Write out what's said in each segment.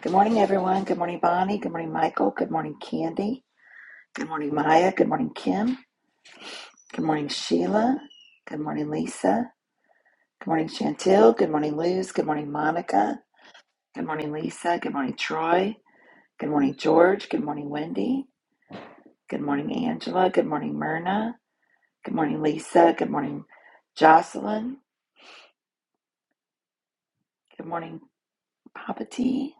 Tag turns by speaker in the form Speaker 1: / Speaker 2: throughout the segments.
Speaker 1: Good morning, everyone. Good morning, Bonnie. Good morning, Michael. Good morning, Candy. Good morning, Maya. Good morning, Kim. Good morning, Sheila. Good morning, Lisa. Good morning, Chantil. Good morning, Luz. Good morning, Monica. Good morning, Lisa. Good morning, Troy. Good morning, George. Good morning, Wendy. Good morning, Angela. Good morning, Myrna. Good morning, Lisa. Good morning, Jocelyn. Good morning, Papa T.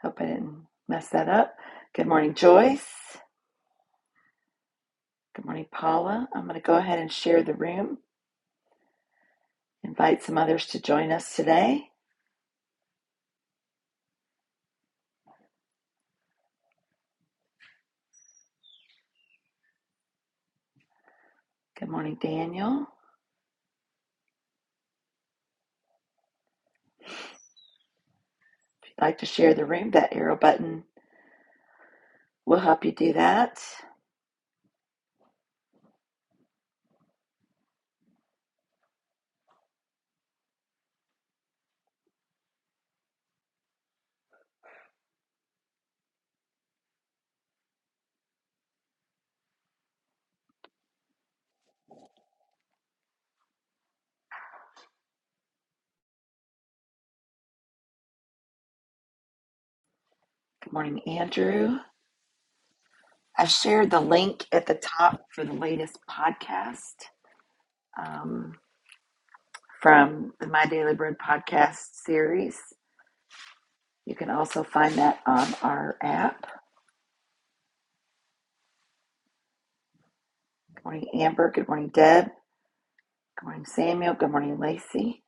Speaker 1: Hope I didn't mess that up. Good morning, Joyce. Good morning, Paula. I'm going to go ahead and share the room. Invite some others to join us today. Good morning, Daniel. If you'd like to share the room, that arrow button will help you do that. Good morning, Andrew. I shared the link at the top for the latest podcast um, from the My Daily Bread podcast series. You can also find that on our app. Good morning, Amber. Good morning, Deb. Good morning, Samuel. Good morning, Lacey.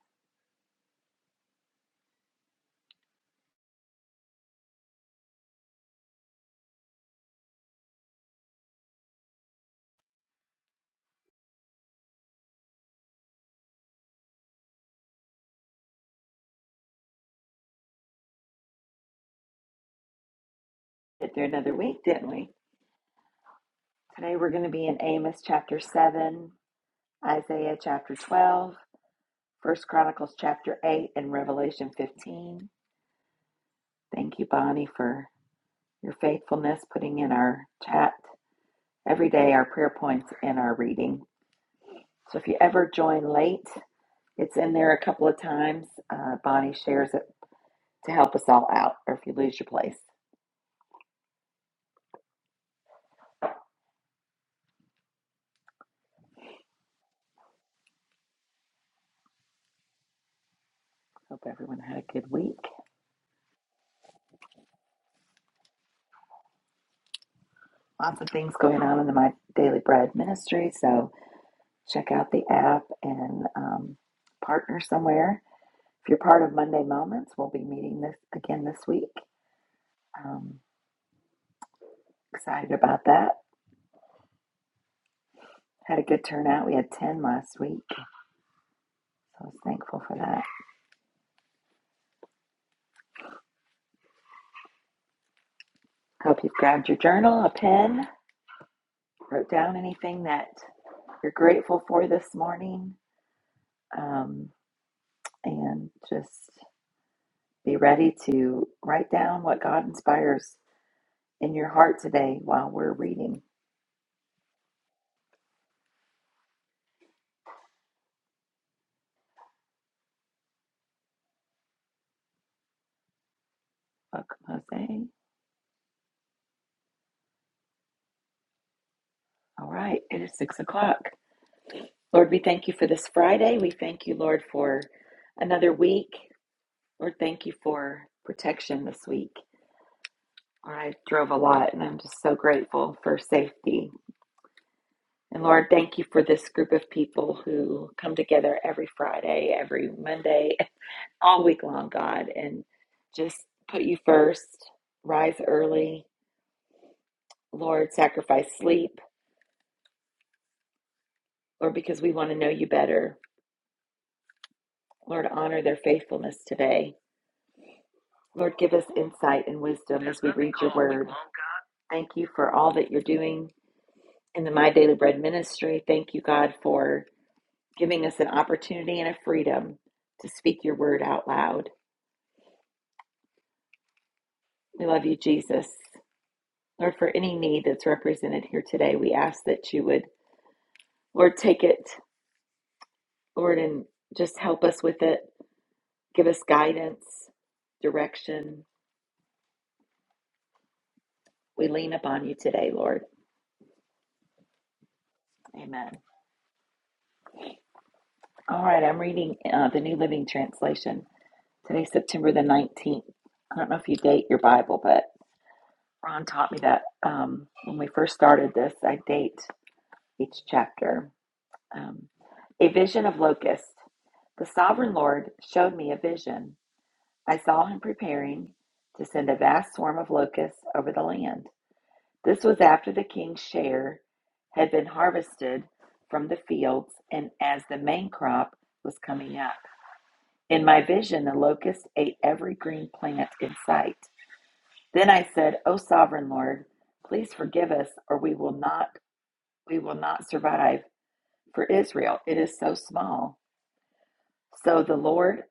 Speaker 1: Been through another week, didn't we? Today we're going to be in Amos chapter 7, Isaiah chapter 12. First Chronicles chapter 8 and Revelation 15. Thank you, Bonnie, for your faithfulness, putting in our chat every day, our prayer points, and our reading. So if you ever join late, it's in there a couple of times. Uh, Bonnie shares it to help us all out, or if you lose your place. Hope everyone had a good week. Lots of things going on in the My Daily Bread ministry, so check out the app and um, partner somewhere. If you're part of Monday Moments, we'll be meeting this again this week. Um, excited about that. Had a good turnout. We had 10 last week, so I was thankful for that. Hope you've grabbed your journal, a pen, wrote down anything that you're grateful for this morning, um, and just be ready to write down what God inspires in your heart today while we're reading. Welcome, Jose. All right, it is six o'clock. Lord, we thank you for this Friday. We thank you, Lord, for another week. Lord, thank you for protection this week. I drove a lot and I'm just so grateful for safety. And Lord, thank you for this group of people who come together every Friday, every Monday, all week long, God, and just put you first, rise early, Lord, sacrifice sleep, Lord, because we want to know you better. Lord, honor their faithfulness today. Lord, give us insight and wisdom as we read your word. Thank you for all that you're doing in the My Daily Bread ministry. Thank you, God, for giving us an opportunity and a freedom to speak your word out loud. We love you, Jesus. Lord, for any need that's represented here today, we ask that you would, Lord, take it, Lord, and just help us with it. Give us guidance, direction. We lean upon you today, Lord. Amen. All right, I'm reading uh, the New Living Translation. Today's September the 19th. I don't know if you date your Bible, but Ron taught me that um, when we first started this, I date each chapter. Um, a vision of locusts. The sovereign Lord showed me a vision. I saw him preparing to send a vast swarm of locusts over the land. This was after the king's share had been harvested from the fields and as the main crop was coming up. In my vision, the locust ate every green plant in sight. Then I said, O sovereign Lord, please forgive us, or we will not we will not survive. For Israel, it is so small. So the Lord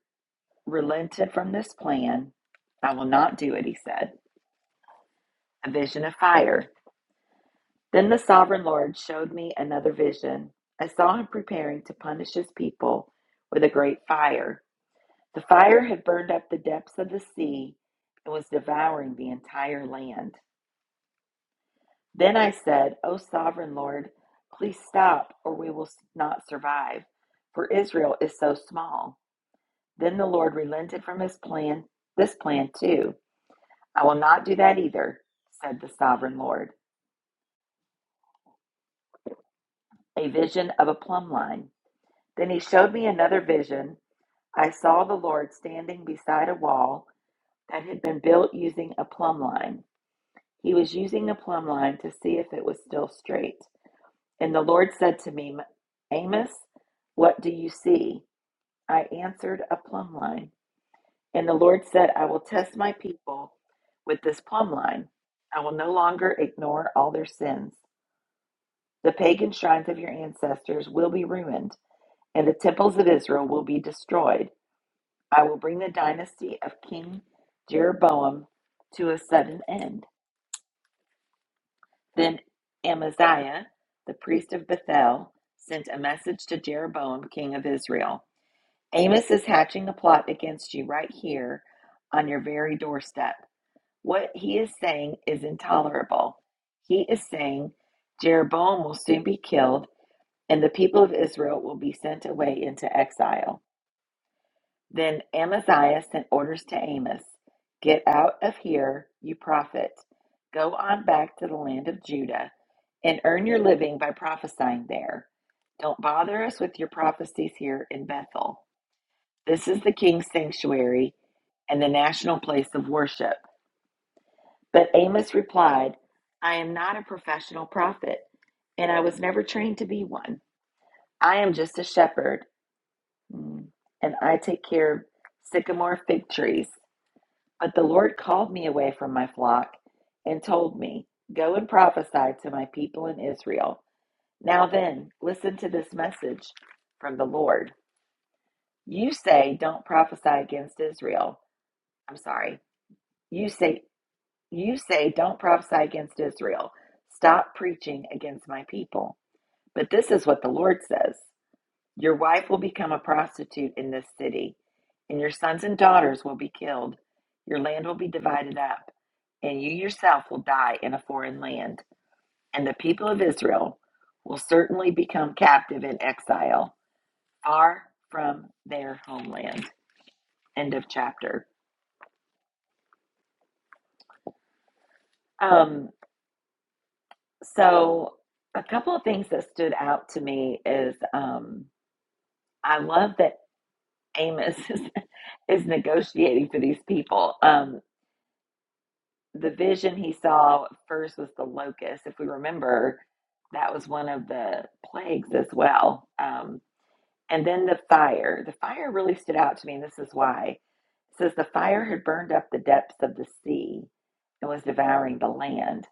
Speaker 1: relented from this plan. I will not do it, he said. A vision of fire. Then the sovereign Lord showed me another vision. I saw him preparing to punish his people with a great fire. The fire had burned up the depths of the sea and was devouring the entire land. Then I said, O sovereign Lord, please stop, or we will not survive, for Israel is so small. Then the Lord relented from his plan, this plan too. I will not do that either, said the sovereign Lord. A vision of a plumb line. Then he showed me another vision. I saw the Lord standing beside a wall that had been built using a plumb line. He was using a plumb line to see if it was still straight. And the Lord said to me, Amos, what do you see? I answered, A plumb line. And the Lord said, I will test my people with this plumb line. I will no longer ignore all their sins. The pagan shrines of your ancestors will be ruined, and the temples of Israel will be destroyed. I will bring the dynasty of King Jeroboam to a sudden end. Then Amaziah, the priest of Bethel, sent a message to Jeroboam, king of Israel Amos is hatching a plot against you right here on your very doorstep. What he is saying is intolerable. He is saying Jeroboam will soon be killed and the people of Israel will be sent away into exile. Then Amaziah sent orders to Amos Get out of here, you prophet. Go on back to the land of Judah and earn your living by prophesying there. Don't bother us with your prophecies here in Bethel. This is the king's sanctuary and the national place of worship. But Amos replied, I am not a professional prophet, and I was never trained to be one. I am just a shepherd Mm. And I take care of sycamore fig trees. But the Lord called me away from my flock and told me, Go and prophesy to my people in Israel. Now then, listen to this message from the Lord. You say, Don't prophesy against Israel. I'm sorry. You say, you say, don't prophesy against Israel. Stop preaching against my people. But this is what the Lord says Your wife will become a prostitute in this city, and your sons and daughters will be killed. Your land will be divided up, and you yourself will die in a foreign land. And the people of Israel will certainly become captive in exile, far from their homeland. End of chapter. Um, so, a couple of things that stood out to me is um, I love that Amos is, is negotiating for these people. Um, the vision he saw first was the locust. If we remember, that was one of the plagues as well. Um, and then the fire. The fire really stood out to me, and this is why. It says the fire had burned up the depths of the sea and was devouring the land.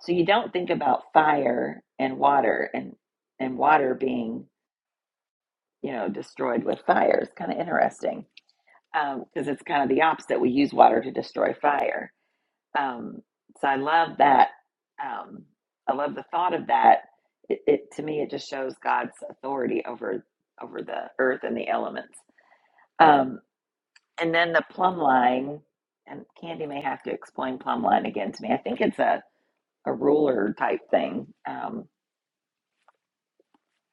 Speaker 1: So you don't think about fire and water and and water being you know destroyed with fire. It's kind of interesting because um, it's kind of the opposite. We use water to destroy fire um, so I love that. Um, I love the thought of that. It, it to me, it just shows God's authority over over the earth and the elements. Um, and then the plumb line, and Candy may have to explain plumb line again to me. I think it's a a ruler type thing, um,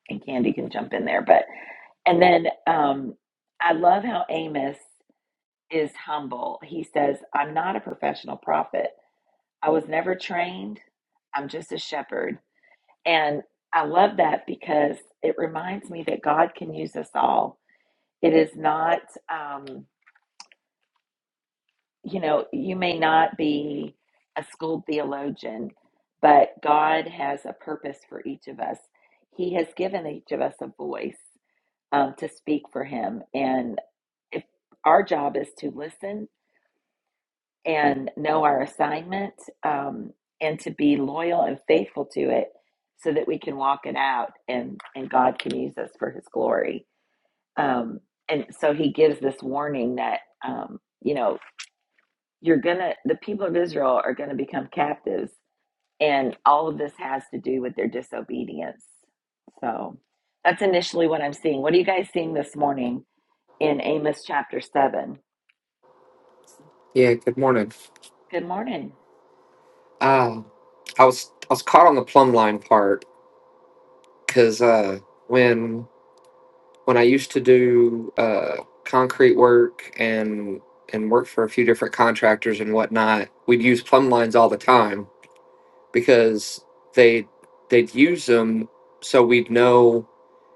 Speaker 1: and Candy can jump in there. But and then um, I love how Amos is humble. He says, "I'm not a professional prophet. I was never trained." I'm just a shepherd And I love that because it reminds me that God can use us all. It is not, um, you know, you may not be a schooled theologian, but God has a purpose for each of us. He has given each of us a voice um, to speak for Him. And if our job is to listen and know our assignment um, and to be loyal and faithful to it so that we can walk it out and, and God can use us for his glory. Um, and so he gives this warning that, um, you know, you're going to, the people of Israel are going to become captives. And all of this has to do with their disobedience. So that's initially what I'm seeing. What are you guys seeing this morning in Amos chapter 7?
Speaker 2: Yeah, good morning.
Speaker 1: Good morning.
Speaker 2: Um, I was I was caught on the plumb line part because uh, when when I used to do uh, concrete work and and work for a few different contractors and whatnot, we'd use plumb lines all the time because they they'd use them so we'd know.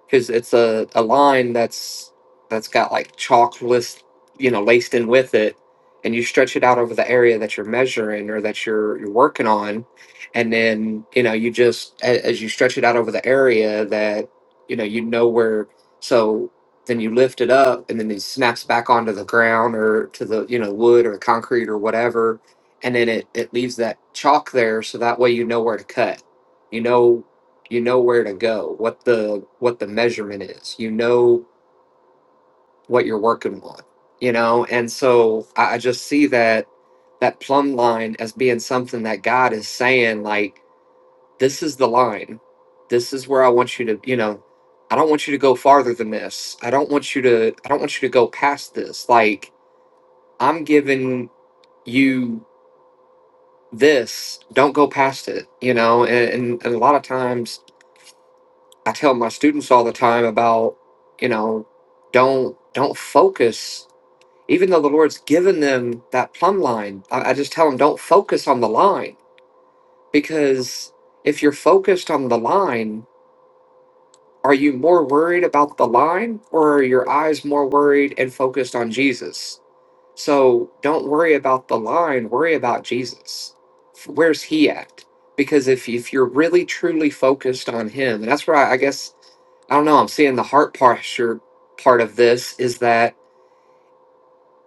Speaker 2: because it's a, a line that's that's got like chalk list you know laced in with it and you stretch it out over the area that you're measuring or that you're you're working on and then you know you just a- as you stretch it out over the area that you know you know where so then you lift it up and then it snaps back onto the ground or to the you know wood or concrete or whatever and then it, it leaves that chalk there so that way you know where to cut you know you know where to go what the what the measurement is you know what you're working on you know and so i, I just see that that plumb line as being something that god is saying like this is the line this is where i want you to you know i don't want you to go farther than this i don't want you to i don't want you to go past this like i'm giving you this don't go past it you know and, and, and a lot of times I tell my students all the time about, you know, don't don't focus. Even though the Lord's given them that plumb line, I, I just tell them don't focus on the line because if you're focused on the line, are you more worried about the line or are your eyes more worried and focused on Jesus? So don't worry about the line, worry about Jesus. F- Where's he at? Because if, if you're really truly focused on him, and that's where I, I guess I don't know, I'm seeing the heart posture part of this is that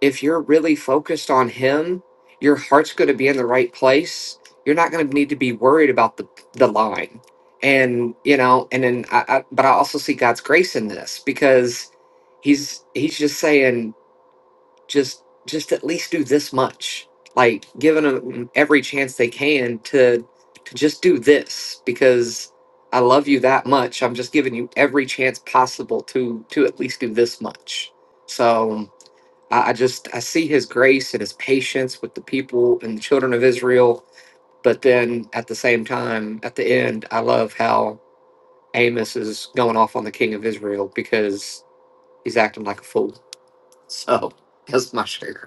Speaker 2: if you're really focused on him, your heart's going to be in the right place. You're not going to need to be worried about the the line. And, you know, and then I, I but I also see God's grace in this because he's he's just saying just just at least do this much like giving them every chance they can to to just do this because i love you that much i'm just giving you every chance possible to to at least do this much so i, I just i see his grace and his patience with the people and the children of israel but then at the same time at the end i love how amos is going off on the king of israel because he's acting like a fool so that's my share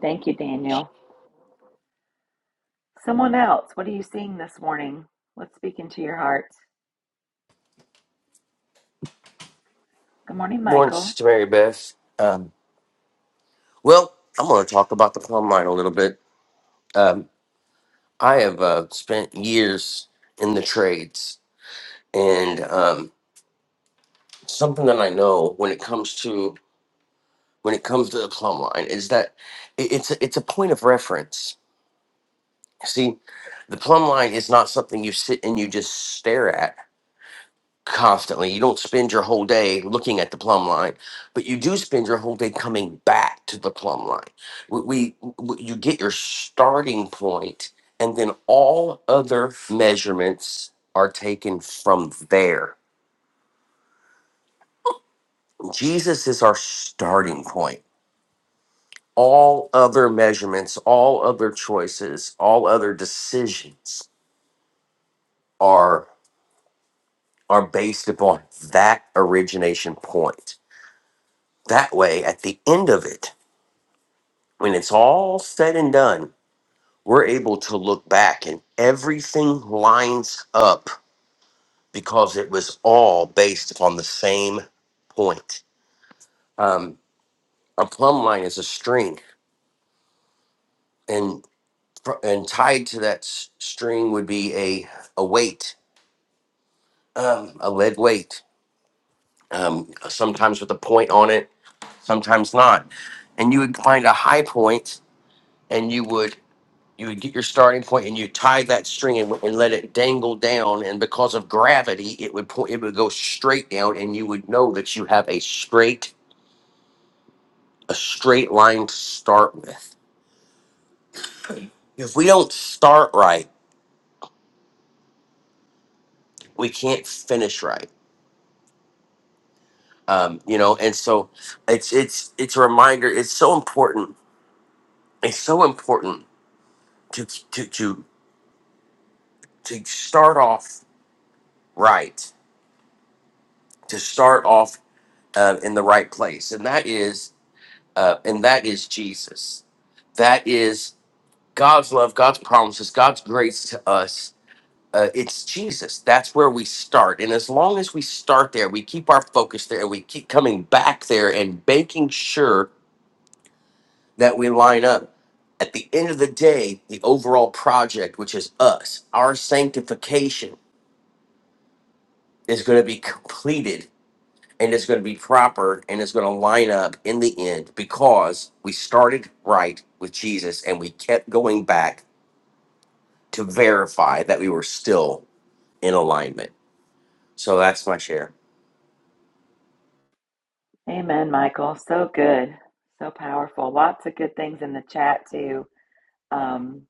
Speaker 1: Thank you, Daniel. Someone else, what are you seeing this morning? Let's speak into your heart? Good morning,
Speaker 3: Morning,
Speaker 1: Michael.
Speaker 3: Sister Mary Beth. Um, well, I'm going to talk about the plumb line a little bit. Um, I have uh, spent years in the trades, and um, something that I know when it comes to when it comes to the plumb line is that it, it's a, it's a point of reference. See, the plumb line is not something you sit and you just stare at. constantly. You don't spend your whole day looking at the plumb line, but you do spend your whole day coming back to the plumb line. We, we, w you get your starting point, and then all other measurements are taken from there. Jesus is our starting point. All other measurements, all other choices, all other decisions are are based upon that origination point. That way, at the end of it, when it's all said and done, we're able to look back and everything lines up because it was all based upon the same point. Um, a plumb line is a string, and fr- and tied to that s- string would be a a weight, um, a lead weight. Um, sometimes with a point on it, sometimes not. And you would find a high point, and you would you would get your starting point and you tie that string and, and let it dangle down and because of gravity it would point it would go straight down and you would know that you have a straight a straight line to start with if we don't start right we can't finish right um, you know and so it's it's it's a reminder it's so important it's so important to to to, to start off right to start off uh, in the right place and that is uh, and that is Jesus. That is God's love, God's promises, God's grace to us. Uh, it's Jesus. That's where we start. And as long as we start there, we keep our focus there, and we keep coming back there and making sure that we line up. At the end of the day, the overall project, which is us, our sanctification, is going to be completed and it's going to be proper and it's going to line up in the end because we started right with Jesus and we kept going back to verify that we were still in alignment. So that's my share.
Speaker 1: Amen, Michael. So good. So powerful. Lots of good things in the chat, too. Um,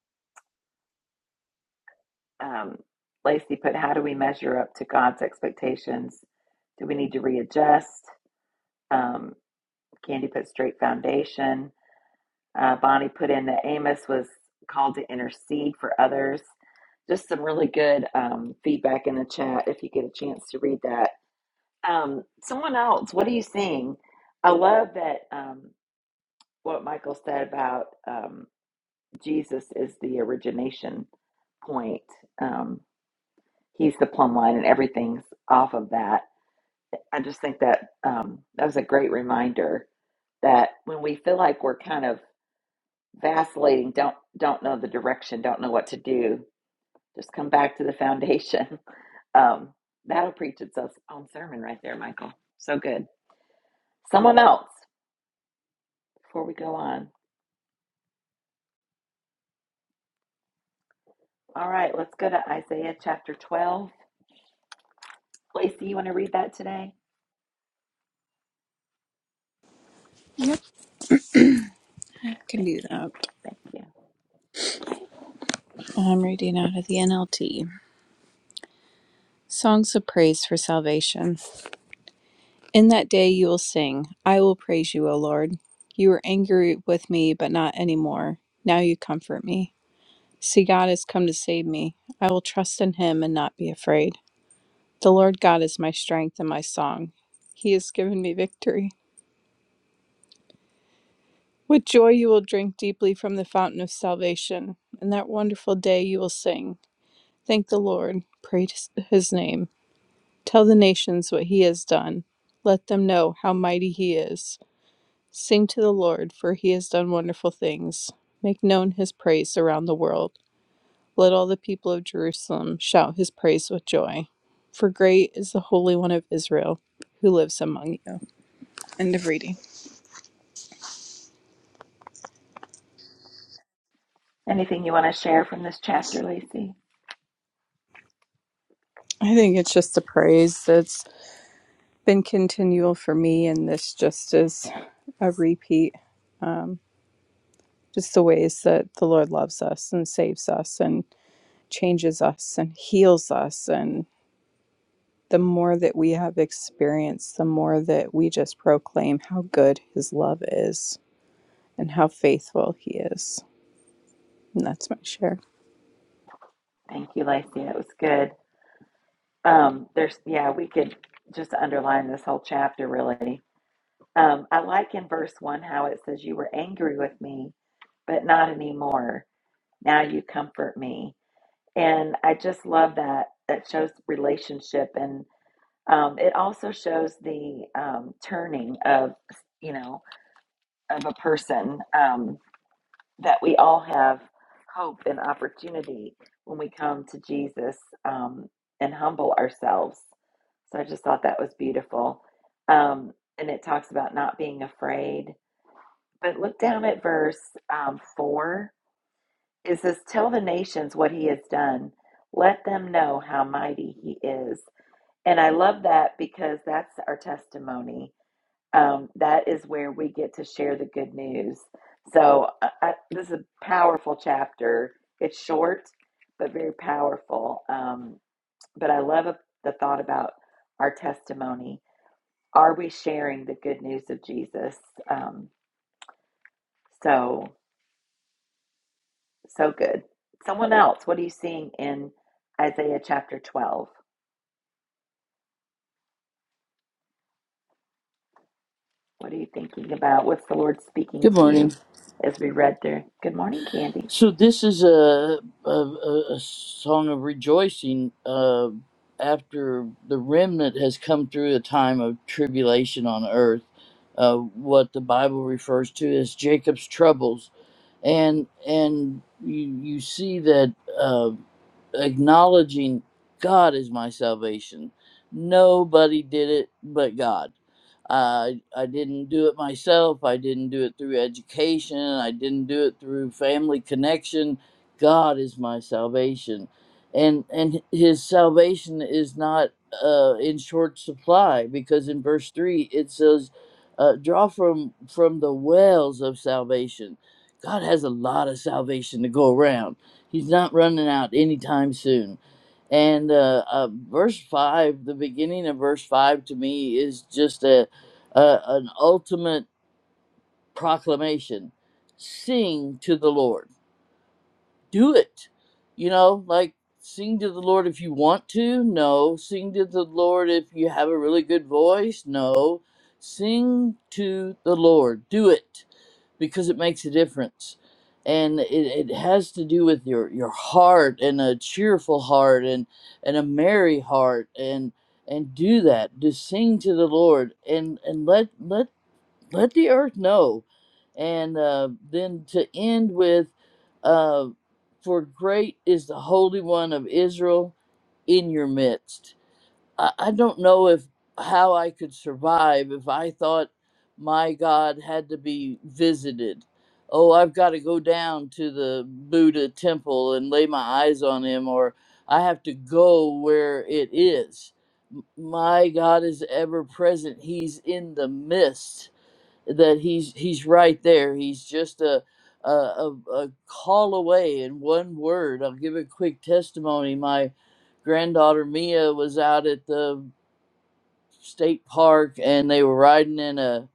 Speaker 1: um, Lacey put, How do we measure up to God's expectations? Do we need to readjust? Um, Candy put, Straight foundation. Uh, Bonnie put in that Amos was called to intercede for others. Just some really good um, feedback in the chat if you get a chance to read that. Um, someone else, what are you seeing? I love that um, what Michael said about um, Jesus is the origination point. Um, he's the plumb line, and everything's off of that. I just think that um, that was a great reminder that when we feel like we're kind of vacillating, don't don't know the direction, don't know what to do, just come back to the foundation. Um, that'll preach its own sermon right there, Michael. So good. Someone else. before we go on. All right, let's go to Isaiah chapter 12. Lacey, you want to read that today?
Speaker 4: Yep, I can do that.
Speaker 1: Thank you. Okay.
Speaker 4: I'm reading out of the NLT. Songs of Praise for Salvation. In that day you will sing, I will praise you, O Lord. You were angry with me, but not anymore. Now you comfort me. See, God has come to save me. I will trust in him and not be afraid. The Lord God is my strength and my song. He has given me victory. With joy you will drink deeply from the fountain of salvation. In that wonderful day you will sing, Thank the Lord, praise his name. Tell the nations what he has done. Let them know how mighty he is. Sing to the Lord, for he has done wonderful things. Make known his praise around the world. Let all the people of Jerusalem shout his praise with joy. For great is the Holy One of Israel who lives among you. End of reading.
Speaker 1: Anything you want to share from this chapter, Lacey?
Speaker 4: I think it's just a praise that's been continual for me, and this just is a repeat. Um, just the ways that the Lord loves us and saves us, and. changes us and heals us. And the more that we have experienced, the more that we just proclaim how good His love is and how faithful He is. And that's my share.
Speaker 1: Thank you, Lacey. It was good. Um, there's, yeah, we could just underline this whole chapter really. Um, I like in verse one how it says, You were angry with me, but not anymore. Now you comfort me. And I just love that. That shows relationship and. Um, it also shows the um, turning of, you know, of a person um, that we all have hope and opportunity when we come to Jesus um, and humble ourselves. So I just thought that was beautiful. Um, and it talks about not being afraid. But look down at verse um, 4. It says, Tell the nations what he has done, let them know how mighty he is. And I love that because that's our testimony um, that is where we get to share the good news. So, I, I, this is a powerful chapter. It's short, but very powerful. Um, but I love the thought about our testimony. Are we sharing the good news of Jesus? Um, so, so good. Someone else, what are you seeing in Isaiah chapter 12? What are you thinking about? What's the Lord speaking
Speaker 5: Good
Speaker 1: to
Speaker 5: morning.
Speaker 1: you as we read through? Good morning, Candy.
Speaker 5: So this is a a, a a song of rejoicing uh, after the remnant has come through a time of tribulation on earth. Uh, what the Bible refers to as Jacob's troubles and and you you see that uh, acknowledging God is my salvation. Nobody did it but God. Uh, I didn't do it myself. I didn't do it through education. I didn't do it through family connection. God is my salvation, and and His salvation is not uh, in short supply because in verse three it says, uh, "Draw from from the wells of salvation." God has a lot of salvation to go around. He's not running out anytime soon. And uh, uh, verse five, the beginning of verse five, to me is just a, a an ultimate proclamation. Sing to the Lord. Do it. You know, like sing to the Lord if you want to. No, sing to the Lord if you have a really good voice. No, sing to the Lord. Do it because it makes a difference and it, it has to do with your your heart and a cheerful heart and and a merry heart and and do that just sing to the lord and and let let let the earth know and uh, then to end with uh, for great is the holy one of israel in your midst I, I don't know if how I could survive if I thought my God had to be visited. Oh, I've got to go down to the Buddha temple and lay my eyes on him, or I have to go where it is. M- My God is ever present. He's in the midst that he's he's right there. He's just a a, a, a call away in one word. I'll give a quick testimony. My granddaughter Mia was out at the state park, and they were riding in a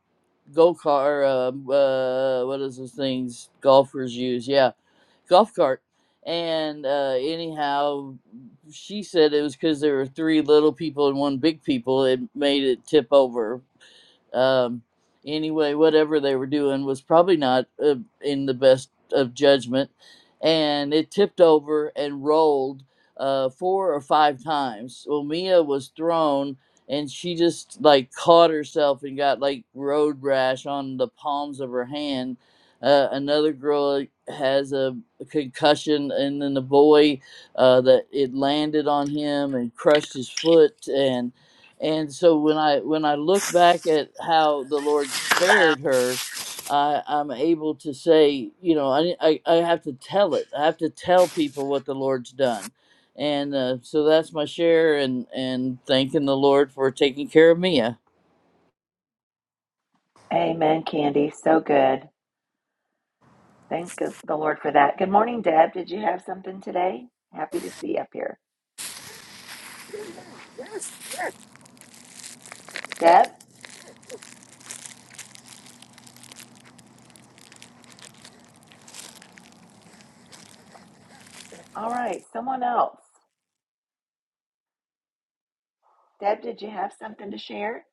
Speaker 5: go car. Uh, uh, what is those things golfers use? Yeah, golf cart. And uh, anyhow, she said it was because there were three little people and one big people. It made it tip over um, anyway, whatever they were doing was probably not uh, in the best of judgment, and it tipped over and rolled uh, four or five times. Well, Mia was thrown, and she just like caught herself and got like road rash on the palms of her hand. Uh, another girl like, has a concussion, and then the boy uh, that it landed on him and crushed his foot, and and so when i when i look back at how the lord
Speaker 6: Wow.
Speaker 5: spared her i i'm able to say you know i i, I have to tell it i have to tell people what the lord's done and uh, so that's my share and and thanking the lord for taking care of mia
Speaker 1: Amen, Candy. So good. Thank the Lord for that. Good morning, Deb. Did you have something today? Happy to see you up here. Deb? All right, someone else. Deb, did you have something to share?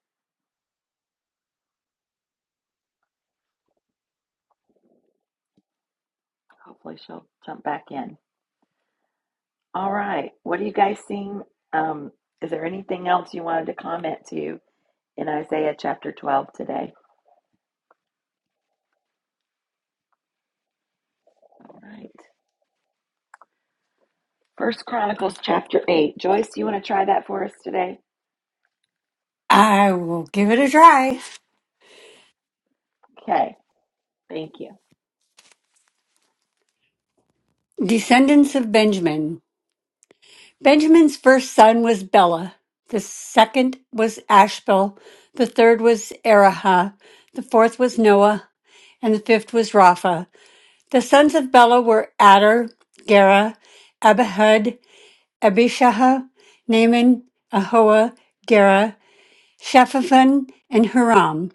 Speaker 1: Hopefully she'll jump back in. All right, what are you guys seeing? Um, is there anything else you wanted to comment to in Isaiah chapter 12 today? All right. First Chronicles chapter 8. Joyce, you want to try that for us today?
Speaker 7: I will give it a try.
Speaker 1: Okay, thank you.
Speaker 7: Descendants of Benjamin. Benjamin's first son was Bela. The second was Ashbel. The third was Erahah. The fourth was Noah. And the fifth was Rapha. The sons of Bela were Adar, Gera, Abihud, Abishah, Naaman, Ahoa, Gera, Shephaphon, and Huram.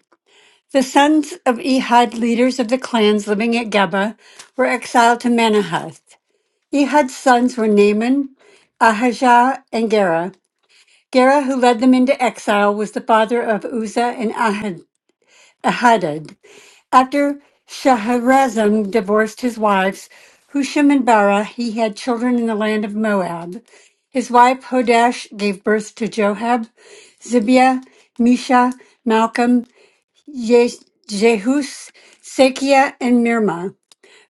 Speaker 7: The sons of Ehud, leaders of the clans living at Geba, were exiled to Manahath. He had sons were Naaman, Ahijah, and Gera. Gera, who led them into exile, was the father of Uzzah and Ahad- Ahadad. After Shahrazam divorced his wives, Husham and Bara, he had children in the land of Moab. His wife Hodash gave birth to Joab, Zibiah, Misha, Malcolm, Ye- Jehus, Sakia, and Mirma.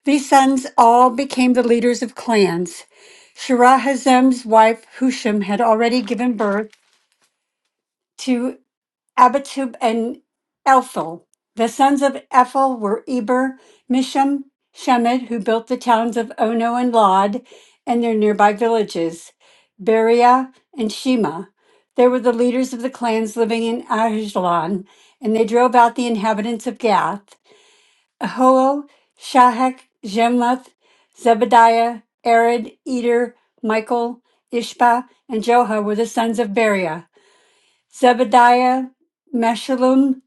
Speaker 7: These sons all became the leaders of clans. Shirahazem's wife Husham had already given birth to Abitub and Elphil. The sons of Ephel were Eber, Misham, Shemed, who built the towns of Ono and Lod and their nearby villages, Beria and Shema. They were the leaders of the clans living in Ajalon, and they drove out the inhabitants of Gath. Ahol, Shahak, Jemleth, Zebadiah, Arid, Eder, Michael, Ishpa, and Joha were the sons of Beriah. Zebadiah, Meshullam,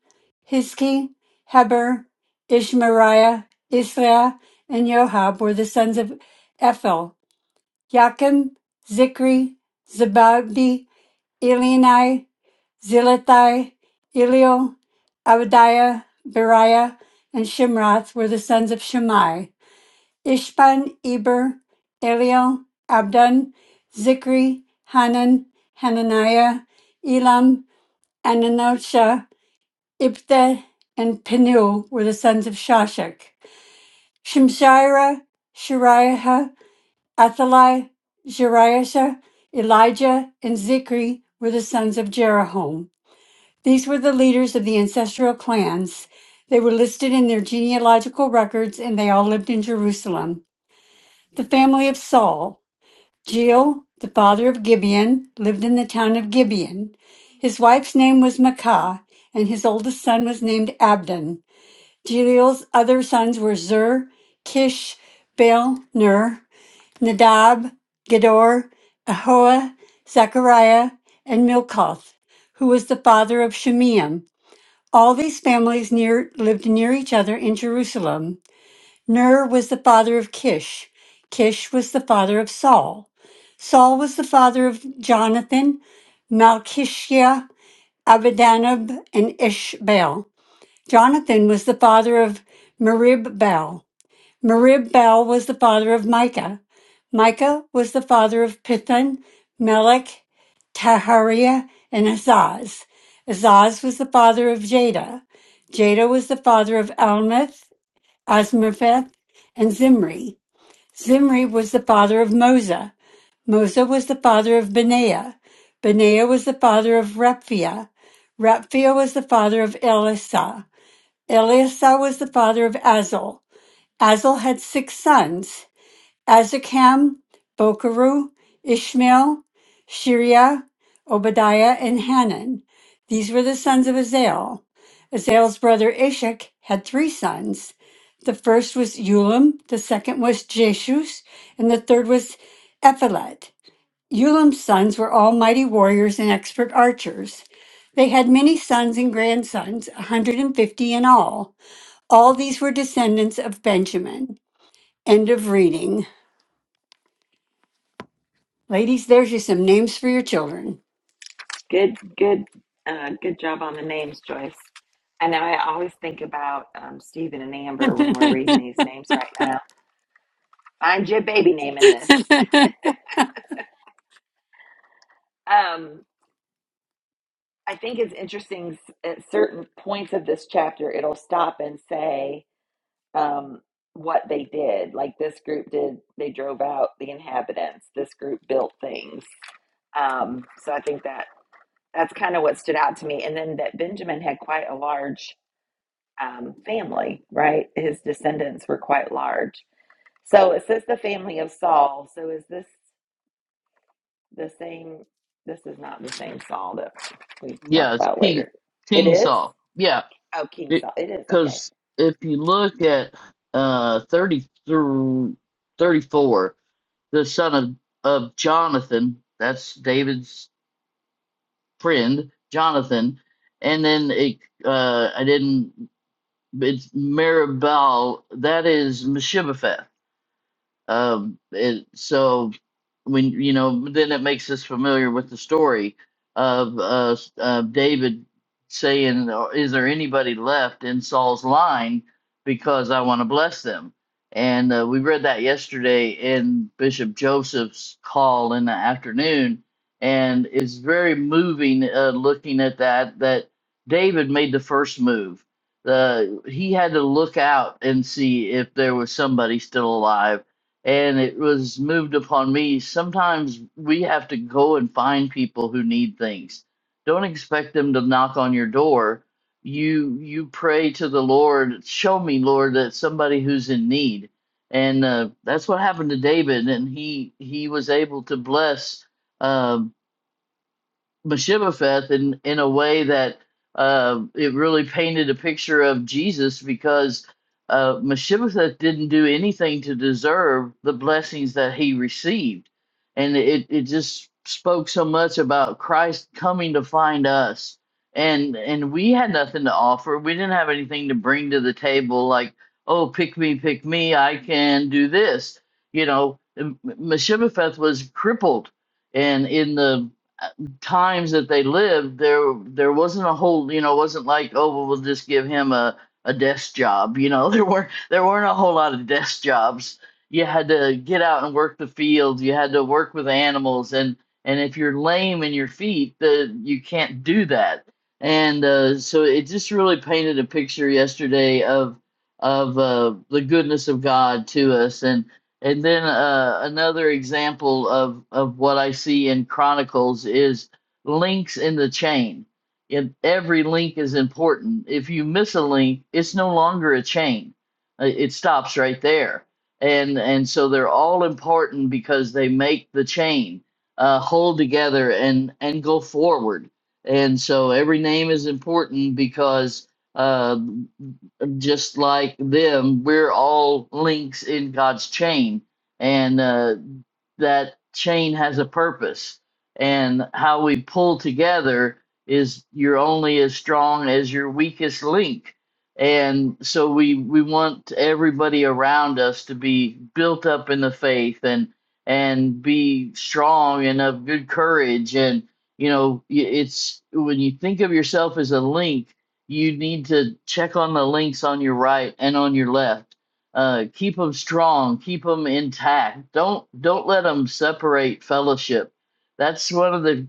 Speaker 7: Hiski, Heber, Ishmariah, Isla, and Joab were the sons of Ephel. Yakim, Zikri, Zabadi. Elini, Zilathai, Eliel, Abadiah, Beriah, and Shimrath were the sons of Shimei. Ishban, Eber, Eliel, Abdon, Zikri, Hanan, Hananiah, Elam, Ananosha, Ibtha, and Penuel were the sons of Shashak. Shemshira, Shariah, Athaliah, Jeriah, Elijah, and Zikri were the sons of Jeroham. These were the leaders of the ancestral clans. They were listed in their genealogical records and they all lived in Jerusalem. The family of Saul, Jeel, the father of Gibeon, lived in the town of Gibeon. His wife's name was Makah, and his oldest son was named Abdon. Jeel's other sons were Zur, Kish, Baal, Ner, Nadab, Gedor, Ahoa, Zechariah, and Milcoth, who was the father of Shemeam. All these families near, lived near each other in Jerusalem. Ner was the father of Kish. Kish was the father of Saul. Saul was the father of Jonathan, Malchishia, Abidanab, and Ishbaal. Jonathan was the father of Merib Merib Bel was the father of Micah. Micah was the father of Pithon, Melech, Tahariah, and Azaz. Azaz was the father of Jada. Jada was the father of Almeth, Asmapheth, and Zimri. Zimri was the father of Mosa. Mosa was the father of Benaiah. Benaiah was the father of Rephiah. Rephiah was the father of Elisah. Elisah was the father of Azel. Azel had six sons. Azikam, Bokeru, Ishmael, Shiriah, Obadiah, and Hanan. These were the sons of Azael. Azael's brother Ishak had three sons. The first was Ulam, the second was Jeshus, and the third was Ephelet. Ulam's sons were all mighty warriors and expert archers. They had many sons and grandsons, a 150 in all. All these were descendants of Benjamin. End of reading. Ladies, there's you some names for your children.
Speaker 1: Good, good, uh, good job on the names, Joyce. I know I always think about um, Stephen and Amber when we're reading these names right now. Find your baby name in this. Um, I think it's interesting s- at certain points of this chapter, it'll stop and say um, what they did. Like this group did, they drove out the inhabitants. This group built things. Um, so I think that that's kind of what stood out to me. And then that Benjamin had quite a large um, family, right? His descendants were quite large. So it says the family of Saul. So is this the same? This is not the same Saul that we talk
Speaker 5: Yeah, it's
Speaker 1: about
Speaker 5: King
Speaker 1: later. It
Speaker 5: King
Speaker 1: is?
Speaker 5: Saul. Yeah,
Speaker 1: Oh, King Saul. It is. Okay.
Speaker 5: because if you look at uh 30 through 34, the son of of Jonathan, that's David's friend Jonathan, and then it uh, I didn't. It's Mirabel. That is Meshibbetheth. Um, it, so when you know, then it makes us familiar with the story of uh, s- uh, David saying, "Or "Is there anybody left in Saul's line? Because I want to bless them." And uh, we read that yesterday in Bishop Joseph's call in the afternoon, and it's very moving. Uh, looking at that, that David made the first move. Uh, he had to look out and see if there was somebody still alive and it was moved upon me. Sometimes we have to go and find people who need things. Don't expect them to knock on your door. You you pray to the Lord, show me, Lord, that somebody who's in need, and uh, that's what happened to David, and he he was able to bless. uh, Meshibbetheth in in a way that uh, it really painted a picture of Jesus because uh, Meshibbetheth didn't do anything to deserve the blessings that he received, and it it just spoke so much about Christ coming to find us, and and we had nothing to offer. We didn't have anything to bring to the table like oh pick me pick me I can do this, you know. Meshibbetheth was crippled, and in the times that they lived, there there wasn't a whole, you know, it wasn't like, oh, well, we'll just give him a, a desk job. You know, there weren't there weren't a whole lot of desk jobs. You had to get out and work the fields You had to work with animals, and and if you're lame in your feet, the you can't do that. And uh, so it just really painted a picture yesterday of of uh, the goodness of God to us, and and then uh, another example of, of what I see in Chronicles is links in the chain. If every link is important, if you miss a link, it's no longer a chain. Uh, It stops right there. And and so they're all important because they make the chain uh, hold together and and go forward. And so every name is important because uh, just like them, we're all links in God's chain, and uh, that chain has a purpose. And how we pull together is you're only as strong as your weakest link. And so we we want everybody around us to be built up in the faith and and be strong and of good courage and you know y- it's when you think of yourself as a link you need to check on the links on your right and on your left. Uh, keep them strong, keep them intact. Don't don't let them separate fellowship. That's one of the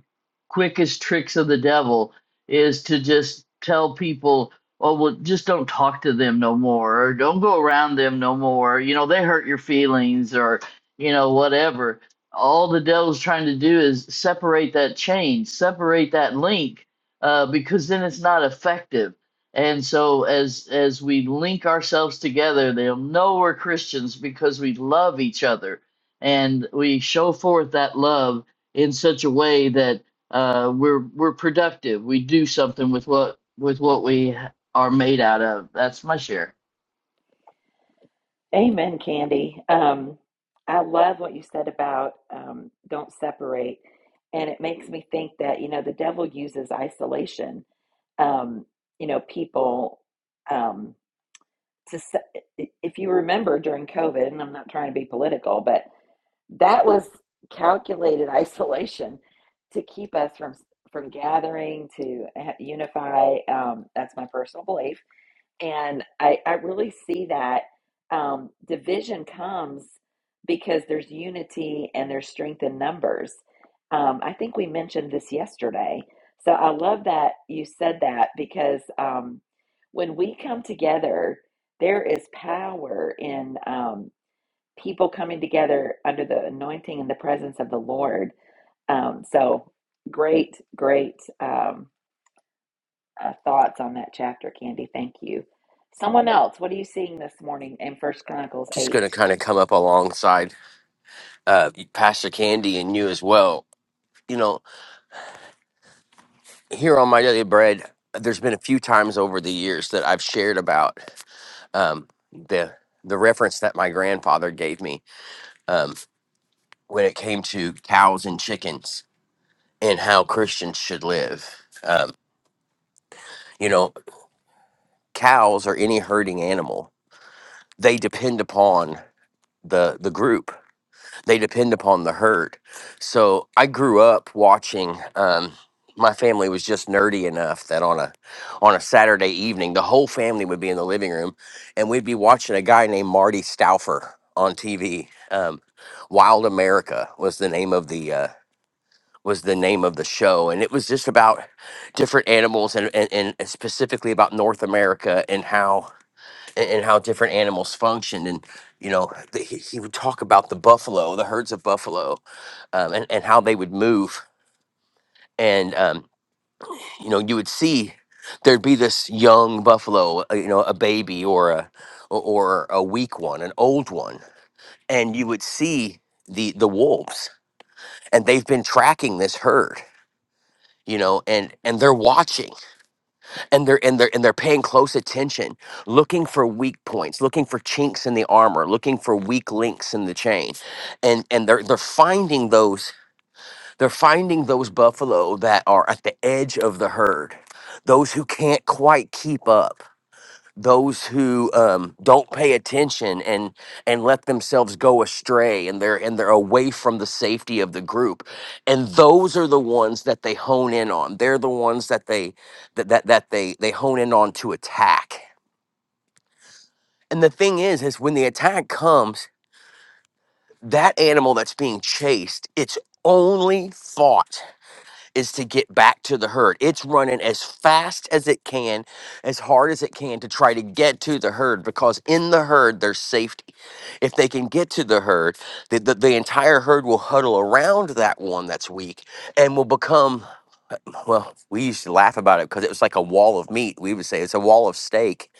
Speaker 5: quickest tricks of the devil is to just tell people, oh well, just don't talk to them no more, or don't go around them no more. You know they hurt your feelings, or you know whatever. All the devil's trying to do is separate that chain, separate that link, uh, because then it's not effective. And so as as we link ourselves together, they'll know we're Christians because we love each other and we show forth that love in such a way that uh, we're we're productive. We do something with what with what we are made out of. That's my share.
Speaker 1: Amen, Candy. Um, I love what you said about um, don't separate. And it makes me think that, you know, the devil uses isolation. Um, you know, people. Um, to if you remember during COVID, and I'm not trying to be political, but that was calculated isolation to keep us from from gathering to eh, unify. Um, that's my personal belief. And I, I really see that um, division comes because there's unity and there's strength in numbers. Um, I think we mentioned this yesterday. So I love that you said that because um, when we come together, there is power in um, people coming together under the anointing and the presence of the Lord. Um, so great, great. Um, uh, thoughts on that chapter, Candy. Thank you. Someone else, what are you seeing this morning in First Chronicles
Speaker 3: Just going
Speaker 1: eight?
Speaker 3: to kind of come up alongside uh, Pastor Candy and you as well. You know, here on My Daily Bread, there's been a few times over the years that I've shared about um, the the reference that my grandfather gave me um, when it came to cows and chickens and how Christians should live. Um, you know, cows or any herding animal, they depend upon the the group. They depend upon the herd. So I grew up watching. Um, my family was just nerdy enough that on a on a Saturday evening, the whole family would be in the living room, and we'd be watching a guy named Marty Stauffer on TV. Um, Wild America was the name of the uh, was the name of the show and it was just about different animals and, and, and specifically about north america and how and and how different animals functioned and you know the, he, he would talk about the buffalo the herds of buffalo um, and, and how they would move and um, you know you would see there'd be this young buffalo uh, you know a baby or a or a weak one an old one and you would see the the wolves and they've been tracking this herd you know and and they're watching and they're and they're and they're paying close attention looking for weak points looking for chinks in the armor looking for weak links in the chain and and they're they're finding those they're finding those buffalo that are at the edge of the herd those who can't quite keep up those who um, don't pay attention and and let themselves go astray and they're and they're away from the safety of the group and those are the ones that they hone in on they're the ones that they that that, that they they hone in on to attack and the thing is is when the attack comes that animal that's being chased its only thought is to get back to the herd. It's running as fast as it can, as hard as it can to try to get to the herd because in the herd there's safety. If they can get to the herd, the, the, the entire herd will huddle around that one that's weak and will become, well, we used to laugh about it because it was like a wall of meat. We would say it's a wall of steak.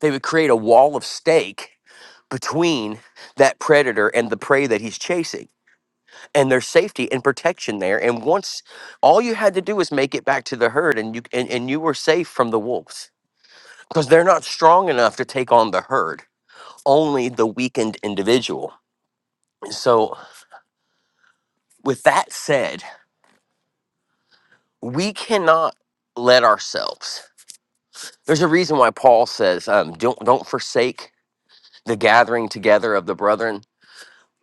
Speaker 3: They would create a wall of steak between that predator and the prey that he's chasing and there's safety and protection there. And once all you had to do was make it back to the herd, and you and, and you were safe from the wolves because they're not strong enough to take on the herd, only the weakened individual. So, with that said, we cannot let ourselves. There's a reason why Paul says, um, "Don't don't forsake the gathering together of the brethren."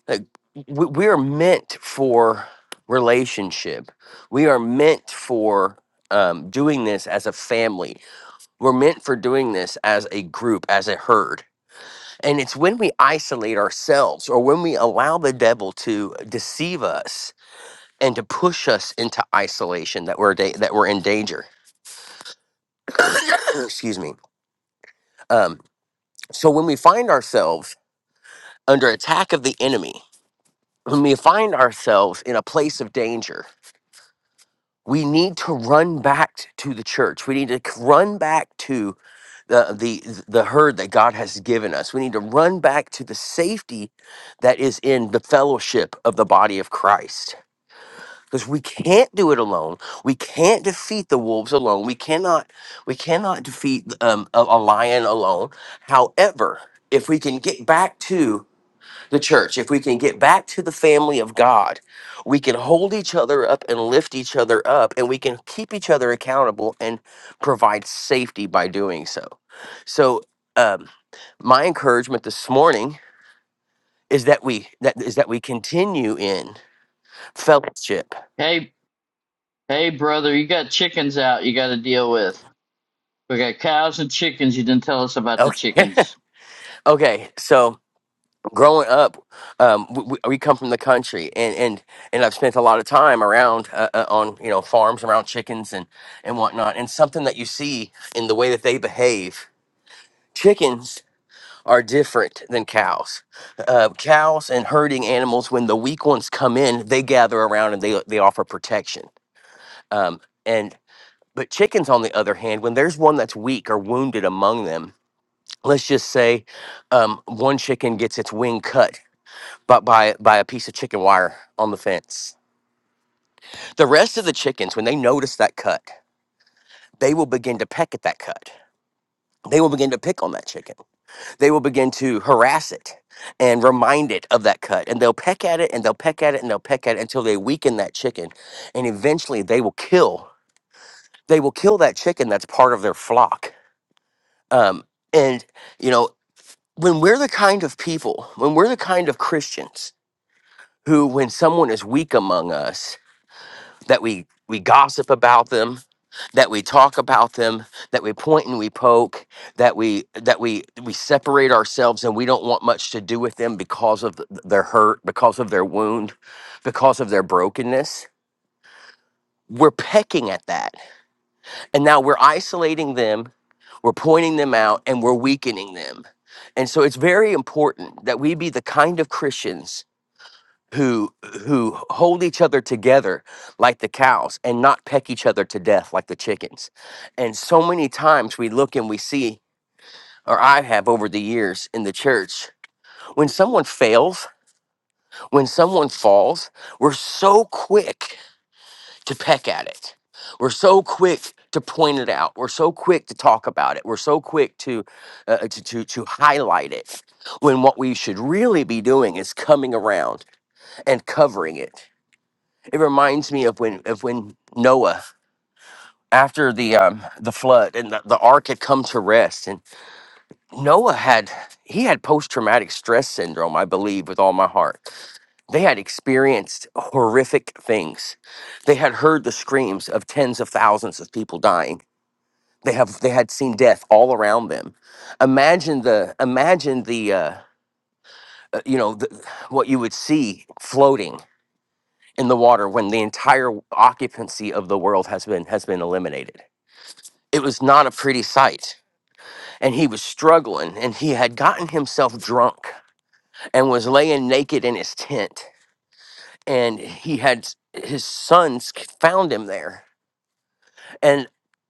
Speaker 3: Like, we, we are meant for relationship. We are meant for um, doing this as a family We're meant for doing this as a group, as a herd. And it's when we isolate ourselves or when we allow the devil to deceive us and to push us into isolation that we're da- that we're in danger. Excuse me. Um, so when we find ourselves under attack of the enemy, when we find ourselves in a place of danger, we need to run back to the church. We need to c- run back to the the the herd that God has given us. We need to run back to the safety that is in the fellowship of the body of Christ. Because we can't do it alone. We can't defeat the wolves alone. We cannot we cannot defeat um, a, a lion alone. However, if we can get back to the church, if we can get back to the family of God, we can hold each other up and lift each other up, and we can keep each other accountable and provide safety by doing so. So, um, my encouragement this morning is that we that is that we continue in fellowship.
Speaker 5: Hey hey brother, you got chickens out you got to deal with. We got cows and chickens. You didn't tell us about the
Speaker 3: Okay,
Speaker 5: chickens.
Speaker 3: okay. So growing up, um, we, we come from the country, and and and I've spent a lot of time around uh, uh, on you know farms around chickens and and whatnot. And something that you see in the way that they behave, chickens are different than cows. Uh, cows and herding animals, when the weak ones come in, they gather around and they they offer protection. Um, and but chickens, on the other hand, when there's one that's weak or wounded among them. Let's just say um, one chicken gets its wing cut but by by a piece of chicken wire on the fence. The rest of the chickens, when they notice that cut, they will begin to peck at that cut. They will begin to pick on that chicken. They will begin to harass it and remind it of that cut. And they'll peck at it and they'll peck at it and they'll peck at it until they weaken that chicken. And eventually they will kill. They will kill that chicken that's part of their flock. Um, and, you know, when we're the kind of people, when we're the kind of Christians who, when someone is weak among us, that we we gossip about them that we talk about them that we point and we poke that we that we we separate ourselves and we don't want much to do with them because of th- their hurt because of their wound because of their brokenness we're pecking at that and now we're isolating them we're pointing them out and we're weakening them and so it's very important that we be the kind of christians who who hold each other together like the cows and not peck each other to death like the chickens. And so many times we look and we see or I have over the years in the church when someone fails, when someone falls, we're so quick to peck at it. We're so quick to point it out. We're so quick to talk about it. We're so quick to uh, uh, to, to to highlight it when what we should really be doing is coming around and covering it It reminds me of when of when Noah after the um the flood and the, the ark had come to rest and Noah had he had post traumatic stress syndrome, I believe with all my heart. They had experienced horrific things. They had heard the screams of tens of thousands of people dying. They have they had seen death all around them. Imagine the imagine the uh, uh, you know the, what you would see floating in the water when the entire occupancy of the world has been has been eliminated It was not a pretty sight. And he was struggling, and he had gotten himself drunk and was laying naked in his tent. And he had his sons found him there. And,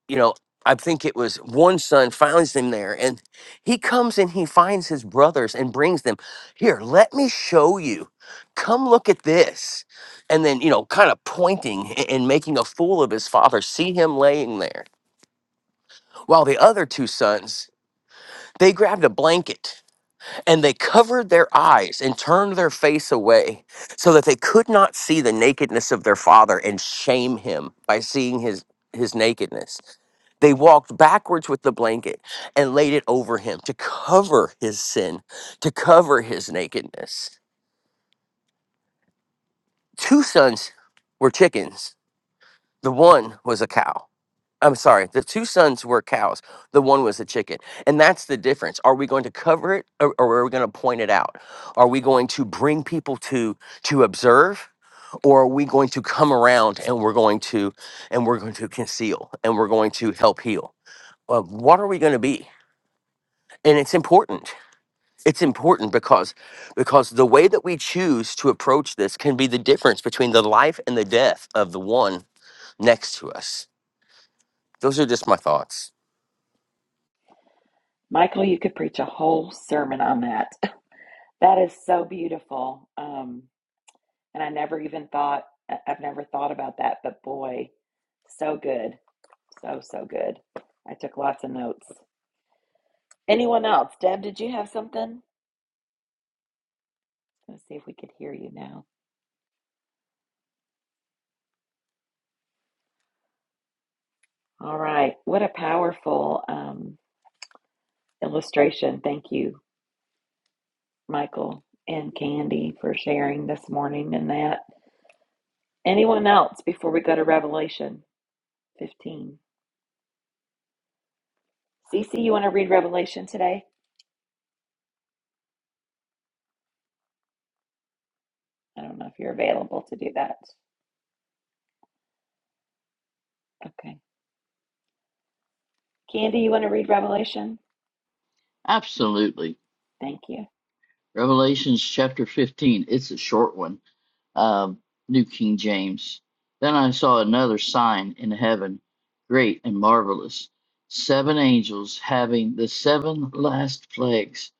Speaker 3: you know, I think it was one son finds him there, and he comes and he finds his brothers and brings them here, let me show you. Come look at this. And then, you know, kind of pointing a- and making a fool of his father, see him laying there. While the other two sons, they grabbed a blanket And they covered their eyes and turned their face away so that they could not see the nakedness of their father and shame him by seeing his, his nakedness. They walked backwards with the blanket and laid it over him to cover his sin, to cover his nakedness. Two sons were chickens, the one was a cow. I'm sorry, the two sons were cows. The one was a chicken. And that's the difference. Are we going to cover it or, or are we going to point it out? Are we going to bring people to to observe or are we going to come around and we're going to and we're going to conceal and we're going to help heal? Uh, what are we going to be? And it's important. It's important because because the way that we choose to approach this can be the difference between the life and the death of the one next to us. Those are just my thoughts.
Speaker 1: Michael, you could preach a whole sermon on that. that is so beautiful. Um, And I never even thought, I- I've never thought about that, but boy, so good. So, so good. I took lots of notes. Anyone else? Deb, did you have something? Let's see if we could hear you now. All right. What a powerful um, illustration. Thank you, Michael and Candy, for sharing this morning and that. Anyone else before we go to Revelation 15? Cece, you want to read Revelation today? I don't know if you're available to do that. Okay. Candy, you want to read Revelation?
Speaker 5: Absolutely.
Speaker 1: Thank you.
Speaker 5: Revelations chapter 15. It's a short one. Um, New King James. Then I saw another sign in heaven, great and marvelous, seven angels having the seven last plagues,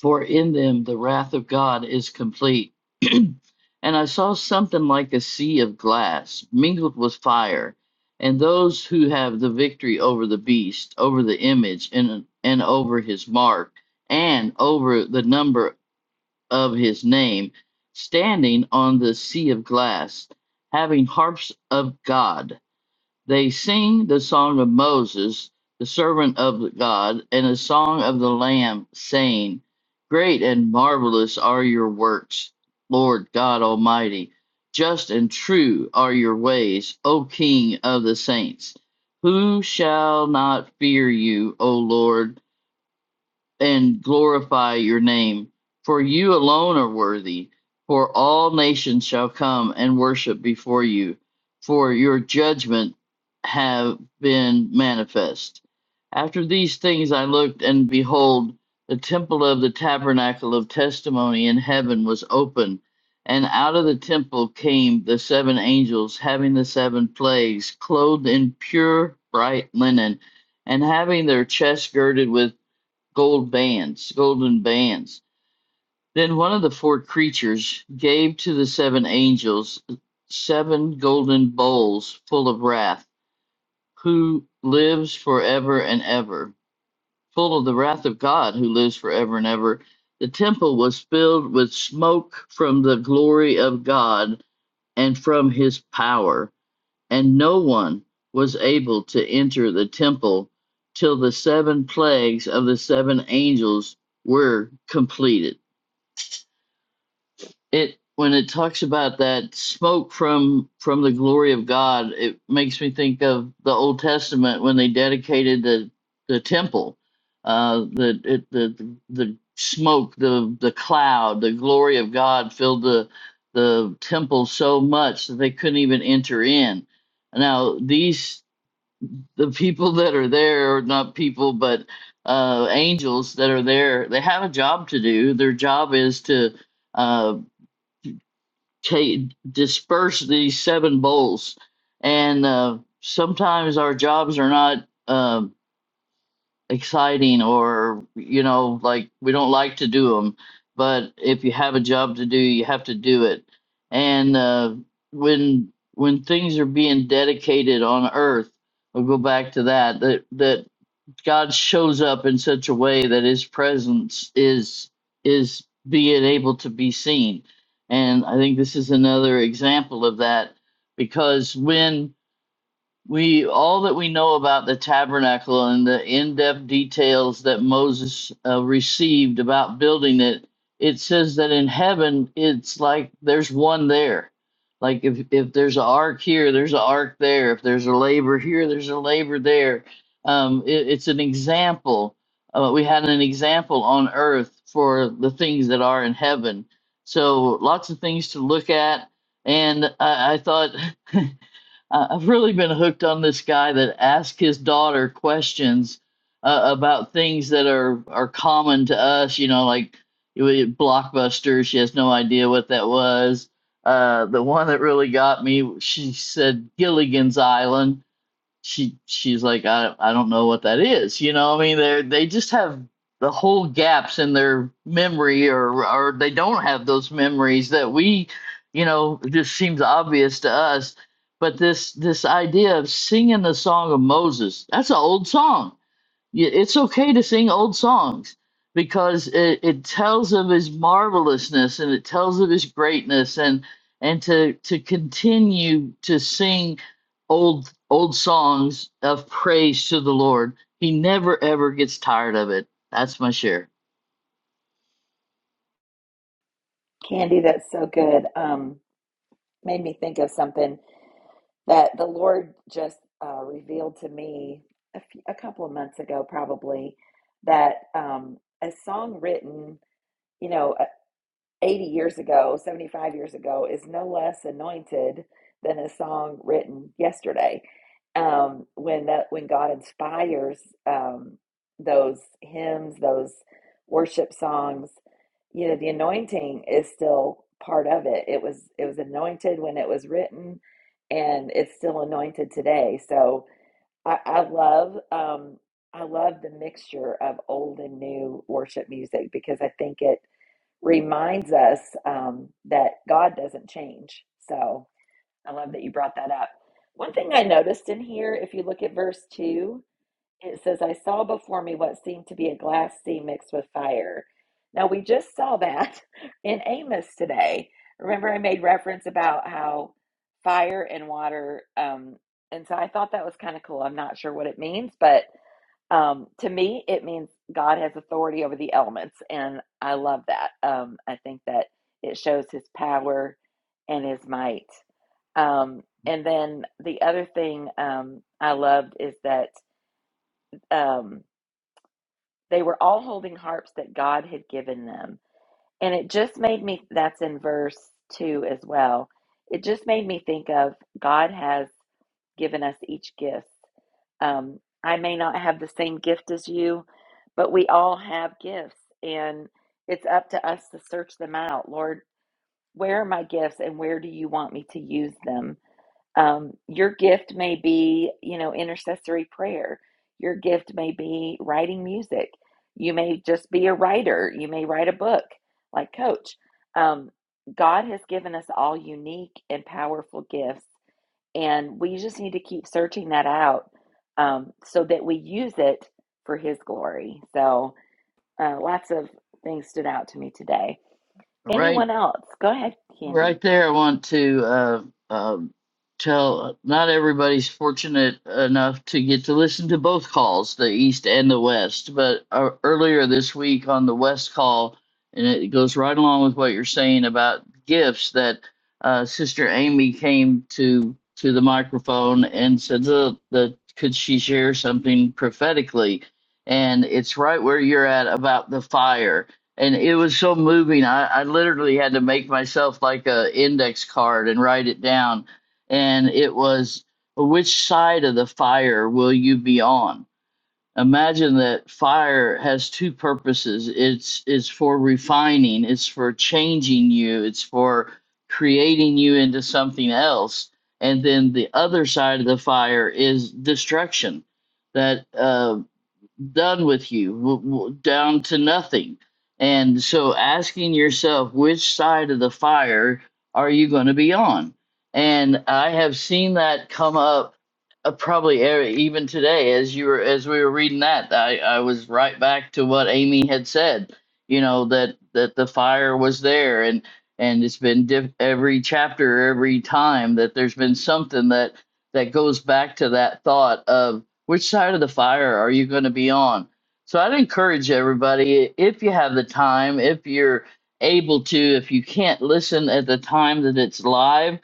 Speaker 5: for in them the wrath of God is complete. and I saw something like a sea of glass mingled with fire, and those who have the victory over the beast, over the image, and, and over his mark, and over the number of his name, standing on the sea of glass, having harps of God. They sing the song of Moses, the servant of God, and a song of the Lamb, saying, Great and marvelous are your works, Lord God Almighty. Just and true are your ways, O King of the saints. Who shall not fear you, O Lord? and glorify your name. For you alone are worthy, for all nations shall come and worship before you, for your judgment have been manifest. After these things I looked, and behold, the temple of the tabernacle of testimony in heaven was open, and out of the temple came the seven angels, having the seven plagues, clothed in pure bright linen, and having their chests girded with gold bands, golden bands. Then one of the four creatures gave to the seven angels seven golden bowls full of wrath, who lives forever and ever. Full of the wrath of God, who lives forever and ever, the temple was filled with smoke from the glory of God and from his power and no one was able to enter the temple till the seven plagues of the seven angels were completed it when it talks about that smoke from from the glory of god it makes me think of the old testament when they dedicated the the temple uh the it, the the smoke the the cloud the glory of god filled the the temple so much that they couldn't even enter in now these the people that are there are not people but uh angels that are there they have a job to do their job is to uh take disperse these seven bowls and uh sometimes our jobs are not um exciting or you know like we don't like to do them but if you have a job to do you have to do it and uh when when things are being dedicated on earth I'll go back to that. That that God shows up in such a way that his presence is is being able to be seen. And I think this is another example of that because when we all that we know about the tabernacle and the in-depth details that Moses uh, received about building it, it says that in heaven it's like there's one there. Like if if there's an ark here, there's an ark there. If there's a labor here, there's a labor there. Um, it, it's an example. Uh, we had an example on earth for the things that are in heaven. So lots of things to look at. And I, I thought. I- I've really been hooked on this guy that asks his daughter questions uh, about things that are are common to us. You know, like it was Blockbuster. She has no idea what that was. Uh, the one that really got me, she said Gilligan's Island, she she's like I I don't know what that is. You know, I mean they they just have the whole gaps in their memory or or they don't have those memories that we, you know, it just seems obvious to us. But this this idea of singing the song of Moses, that's an old song. Yeah, it's okay to sing old songs because it, it tells of his marvelousness and it tells of his greatness and and to to continue to sing old old songs of praise to the Lord. He never ever gets tired of it. That's my share.
Speaker 1: Candy, that's so good. Um, made me think of something that the Lord just uh, revealed to me a, few, a couple of months ago, probably, that um, a song written, you know, 80 years ago, 75 years ago, is no less anointed than a song written yesterday. Um, when that when God inspires um, those hymns, those worship songs, you know the anointing is still part of it. It was it was anointed when it was written, and it's still anointed today. So I, I love um, I love the mixture of old and new worship music because I think it reminds us um, that God doesn't change. So I love that you brought that up. One thing I noticed in here, if you look at verse 2, it says, I saw before me what seemed to be a glass sea mixed with fire. Now, we just saw that in Amos today. Remember, I made reference about how fire and water, um, and so I thought that was kind of cool. I'm not sure what it means, but um, to me, it means God has authority over the elements, and I love that. Um, I think that it shows his power and his might. Um, and then the other thing um, I loved is that um, they were all holding harps that God had given them. And it just made me, that's in verse two as well. It just made me think of God has given us each gift Um, I may not have the same gift as you, but we all have gifts, and it's up to us to search them out. Lord, where are my gifts, and where do you want me to use them? Um, your gift may be, you know, intercessory prayer. Your gift may be writing music. You may just be a writer. You may write a book, like Coach. Um, God has given us all unique and powerful gifts and we just need to keep searching that out um, so that we use it for His glory. So uh, lots of things stood out to me today.
Speaker 5: All Right?
Speaker 1: Anyone else? Go ahead, Candy.
Speaker 5: Right there, I want to uh, um tell uh, not everybody's fortunate enough to get to listen to both calls, the East and the West. But uh, earlier this week on the West call, and it goes right along with what you're saying about gifts, that uh, Sister Amy came to to the microphone and said that, that could she share something prophetically, and it's right where you're at about the fire and it was so moving. I, I literally had to make myself like a index card and write it down. And it was, which side of the fire will you be on? Imagine that fire has two purposes. It's it's for refining. It's for changing you. It's for creating you into something else. And then the other side of the fire is destruction. That uh, done with you, w- w- down to nothing. And so asking yourself, which side of the fire are you going to be on? And I have seen that come up uh, probably e- even today as you were as we were reading that I, I was right back to what Amy had said you know that that the fire was there and and it's been diff- every chapter every time that there's been something that that goes back to that thought of which side of the fire are you going to be on? So I'd encourage everybody, if you have the time, if you're able to, if you can't listen at the time that it's live,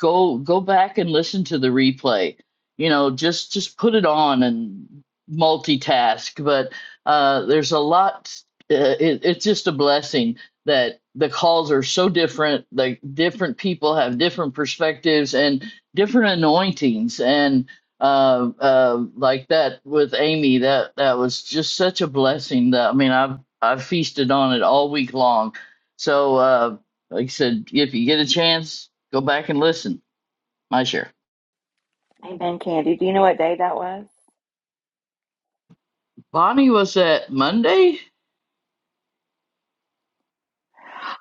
Speaker 5: go go back and listen to the replay. You know, just just put it on and multitask. But uh, there's a lot. Uh, it, it's just a blessing that the calls are so different. Like different people have different perspectives and different anointings and uh, uh, like that with Amy. That that was just such a blessing. That I mean, I've I've feasted on it all week long. So, uh, like I said, if you get a chance, go back and listen. My share.
Speaker 1: Amen, Candy. Do you know what day that was?
Speaker 5: Bonnie was that Monday?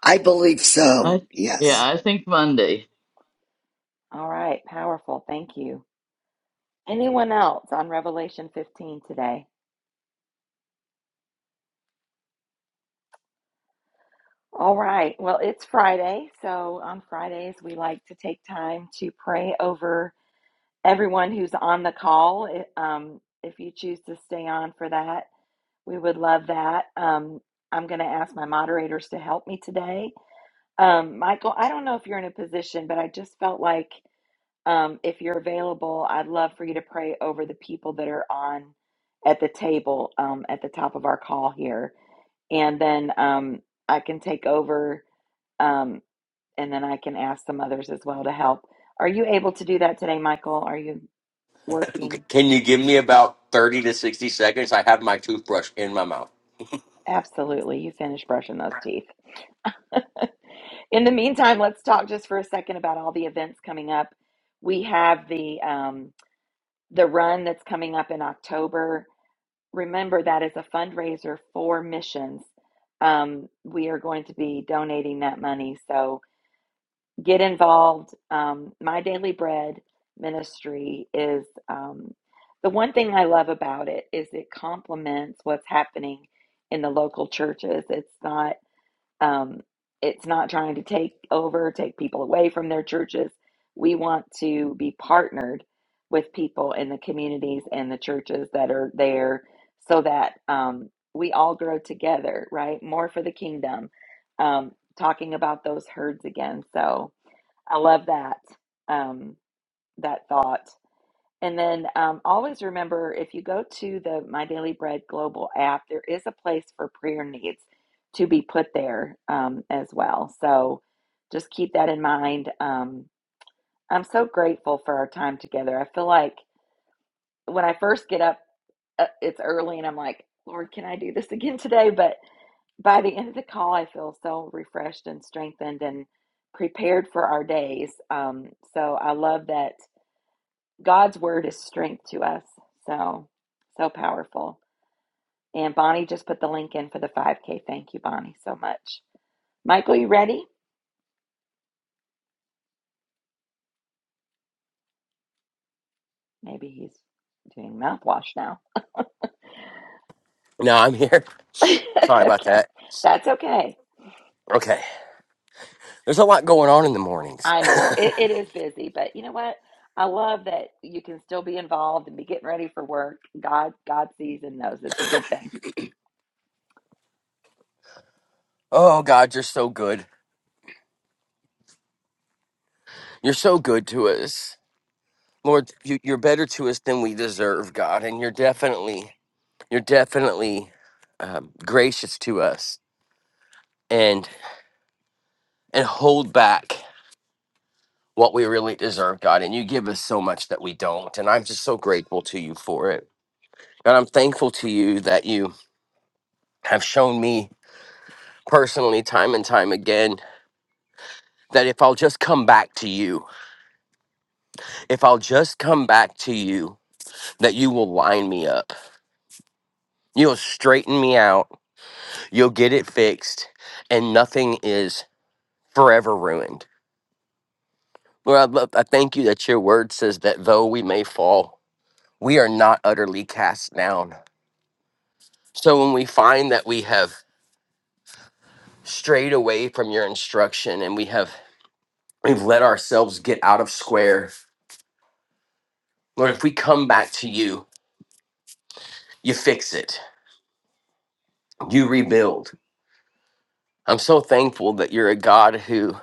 Speaker 8: I believe
Speaker 5: I
Speaker 8: so.
Speaker 5: yeah,
Speaker 1: Okay.
Speaker 8: Yes.
Speaker 5: I think Monday.
Speaker 1: All right. Powerful. Thank you. Anyone else on Revelation 15 today? All right. Well, it's Friday. So on Fridays, we like to take time to pray over everyone who's on the call. If, um, if you choose to stay on for that, We would love that. Um, I'm going to ask my moderators to help me today. Um, Michael, I don't know if you're in a position, but I just felt like um, if you're available, I'd love for you to pray over the people that are on at the table um, at the top of our call here. And then um, I can take over um, and then I can ask some others as well to help. Are you able to do that today, Michael? Are you working?
Speaker 3: Can you give me about 30 to 60 seconds? I have my toothbrush in my mouth.
Speaker 1: Absolutely. You finished brushing those teeth. In the meantime, let's talk just for a second about all the events coming up. We have the um, the run that's coming up in October. Remember that is a fundraiser for missions. Um, we are going to be donating that money, so get involved. Um, My Daily Bread ministry is um, the one thing I love about it is it complements what's happening in the local churches. It's not um, it's not trying to take over, take people away from their churches. We want to be partnered with people in the communities and the churches that are there so that um, we all grow together, right? More for the kingdom. Um, talking about those herds again. So I love that, um, that thought. And then um, always remember if you go to the My Daily Bread Global app, there is a place for prayer needs to be put there um, as well. So just keep that in mind. Um, I'm so grateful for our time together. I feel like when I first get up, uh, it's early and I'm like, Lord, can I do this again today? But by the end of the call, I feel so refreshed and strengthened and prepared for our days. Um, so I love that God's word is strength to us. So, so powerful. And Bonnie just put the link in for the 5K. Thank you, Bonnie, so much. Michael, you ready? Maybe he's doing mouthwash now.
Speaker 3: Now I'm here.
Speaker 1: okay.
Speaker 3: Sorry about that.
Speaker 1: That's okay.
Speaker 3: Okay. There's a lot going on in the mornings.
Speaker 1: I know it, it is busy, but you know what? I love that you can still be involved and be getting ready for work. God, God sees and knows it's a good thing.
Speaker 3: Oh, God, you're so good. You're so good to us. Lord, you, you're better to us than we deserve, God. And you're definitely, you're definitely um, gracious to us and and hold back what we really deserve, God. And you give us so much that we don't. And I'm just so grateful to you for it. And I'm thankful to you that you have shown me personally time and time again that if I'll just come back to you, if I'll just come back to you, that you will line me up. You'll straighten me out. You'll get it fixed, and nothing is forever ruined. Lord, I, love, I thank you that your word says that though we may fall, we are not utterly cast down. So when we find that we have strayed away from your instruction and we have we've let ourselves get out of square, Lord, if we come back to you, you fix it you rebuild. I'm so thankful that you're a God who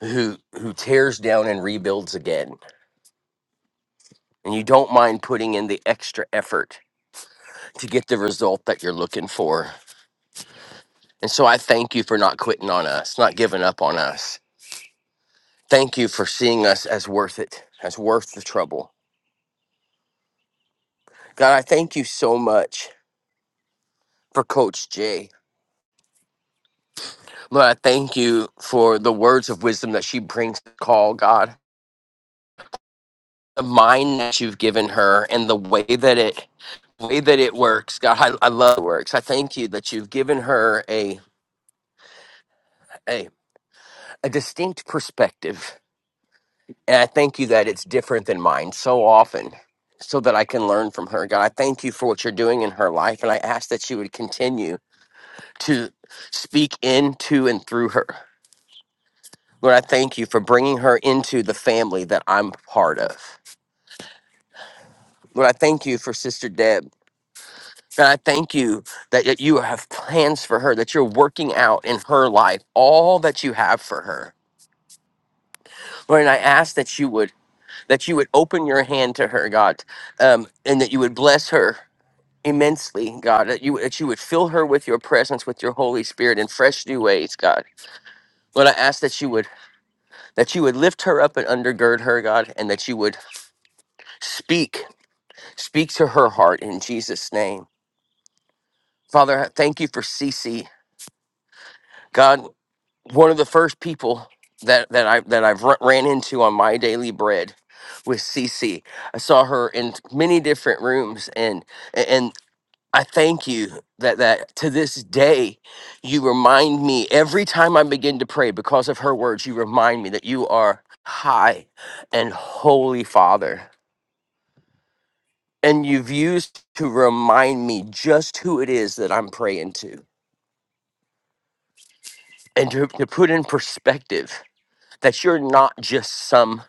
Speaker 3: who who tears down and rebuilds again. And you don't mind putting in the extra effort to get the result that you're looking for. And so I thank you for not quitting on us, not giving up on us. Thank you for seeing us as worth it, as worth the trouble. God, I thank you so much for Coach Jay. Lord, I thank you for the words of wisdom that she brings to the call, God the mind that you've given her and the way that it way that it works, God, I, I love it works. I thank you that you've given her a, a a distinct perspective, and I thank you that it's different than mine so often, so that I can learn from her. God, I thank you for what you're doing in her life, and I ask that you would continue to speak into and through her. Lord, I thank you for bringing her into the family that I'm part of. Lord, I thank you for Sister Deb God, I thank you that, that you have plans for her, that you're working out in her life all that you have for her. Lord, and I ask that you would that you would open your hand to her, God, um, and that you would bless her immensely, God. That you that you would fill her with your presence, with your Holy Spirit in fresh new ways, God. Lord, I ask that you would that you would lift her up and undergird her, God, and that you would speak speak to her heart in Jesus' name, Father. I Thank you for Cece, God. one of the first people that that I that I've r- ran into on my daily bread was Cece. I saw her in many different rooms, and and I thank you that that to this day you remind me every time I begin to pray because of her words. You remind me that you are high and holy Father, and you've used to remind me just who it is that I'm praying to, and to, to put in perspective that you're not just some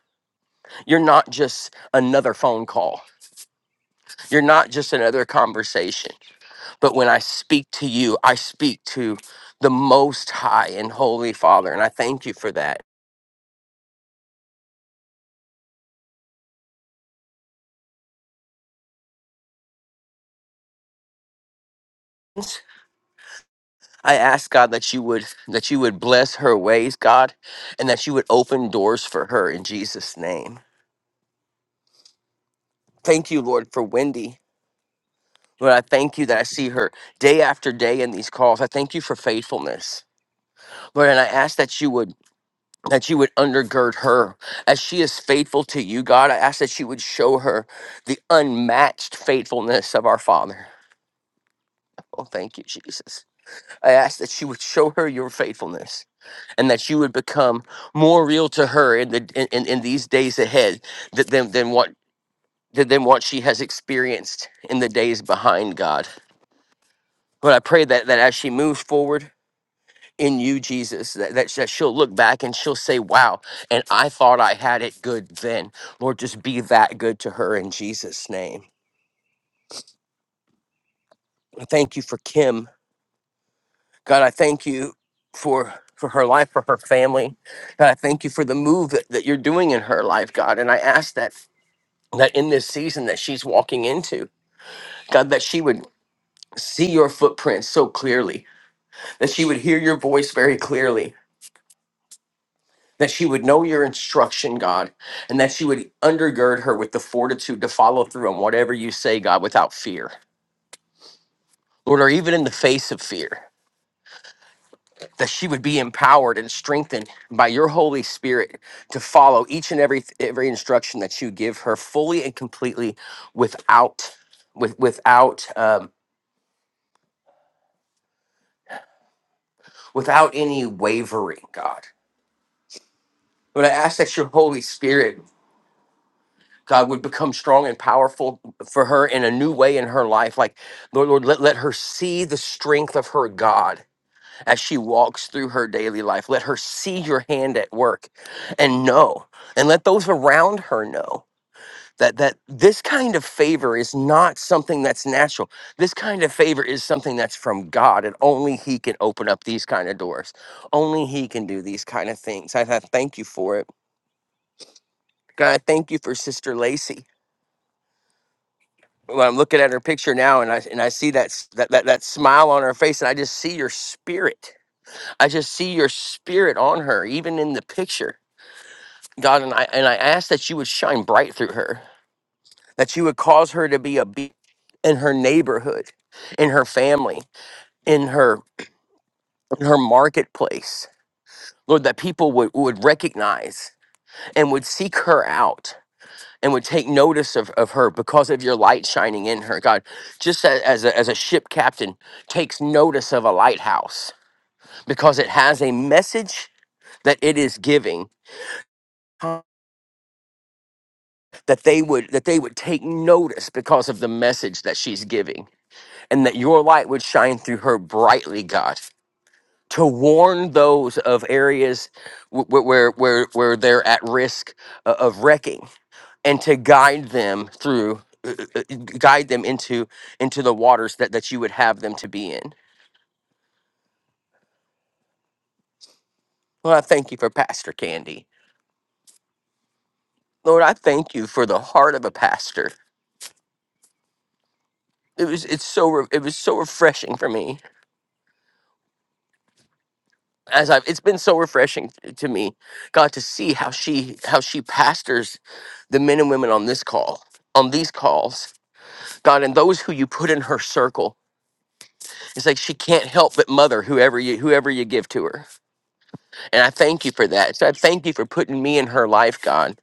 Speaker 3: You're not just another phone call. You're not just another conversation. But when I speak to you, I speak to the Most High and Holy Father, and I thank you for that. I ask God that you would that you would bless her ways, God, and that you would open doors for her in Jesus' name. Thank you, Lord, for Wendy. Lord, I thank you that I see her day after day in these calls. I thank you for faithfulness, Lord, and I ask that you would that you would undergird her as she is faithful to you, God. I ask that you would show her the unmatched faithfulness of our Father. Oh, thank you, Jesus. I ask that you would show her your faithfulness and that you would become more real to her in the in, in, in these days ahead th- than, than what than than what she has experienced in the days behind, God. But I pray that that as she moves forward. in you, Jesus, that, that, that she'll look back and she'll say, Wow, and I thought I had it good then. Lord, just be that good to her in Jesus' name. I Thank you for Kim. God, I thank you for for her life, for her family. God, I thank you for the move that, that you're doing in her life, God. And I ask that that in this season that she's walking into, God, that she would see your footprints so clearly, that she would hear your voice very clearly, that she would know your instruction, God, and that she would undergird her with the fortitude to follow through on whatever you say, God, without fear. Lord, or even in the face of fear, that she would be empowered and strengthened by your Holy Spirit to follow each and every every instruction that you give her fully and completely without with without um, without any wavering, God. Lord, I ask that your Holy Spirit God would become strong and powerful for her in a new way in her life. Like, Lord, Lord, let, let her see the strength of her God as she walks through her daily life. Let her see your hand at work and know, and let those around her know that that this kind of favor is not something that's natural. This kind of favor is something that's from God, and only He can open up these kind of doors. Only He can do these kind of things. I, I thank you for it. God, I thank you for Sister Lacey. when I'm looking at her picture now and I and I see that, s- that that that smile on her face and I just see your spirit. I just see your spirit on her even in the picture. God and I and I ask that you would shine bright through her. That you would cause her to be a be in her neighborhood, in her family, in her in her marketplace. Lord, that people would, would recognize and would seek her out and would take notice of, of her because of your light shining in her. God, just a- as a, as a ship captain takes notice of a lighthouse because it has a message that it is giving that they would that they would take notice because of the message that she's giving and that your light would shine through her brightly god to warn those of areas wh- wh- where where where they're at risk uh, of wrecking and to guide them through uh, uh, uh, guide them into into the waters that that you would have them to be in lord i thank you for pastor candy lord i thank you for the heart of a pastor it was it's so re- it was so refreshing for me as i've it's been so refreshing t- to me god to see how she how she pastors the men and women on this call on these calls god and those who you put in her circle it's like she can't help but mother whoever you whoever you give to her And I thank you for that. So I thank you for putting me in her life, God.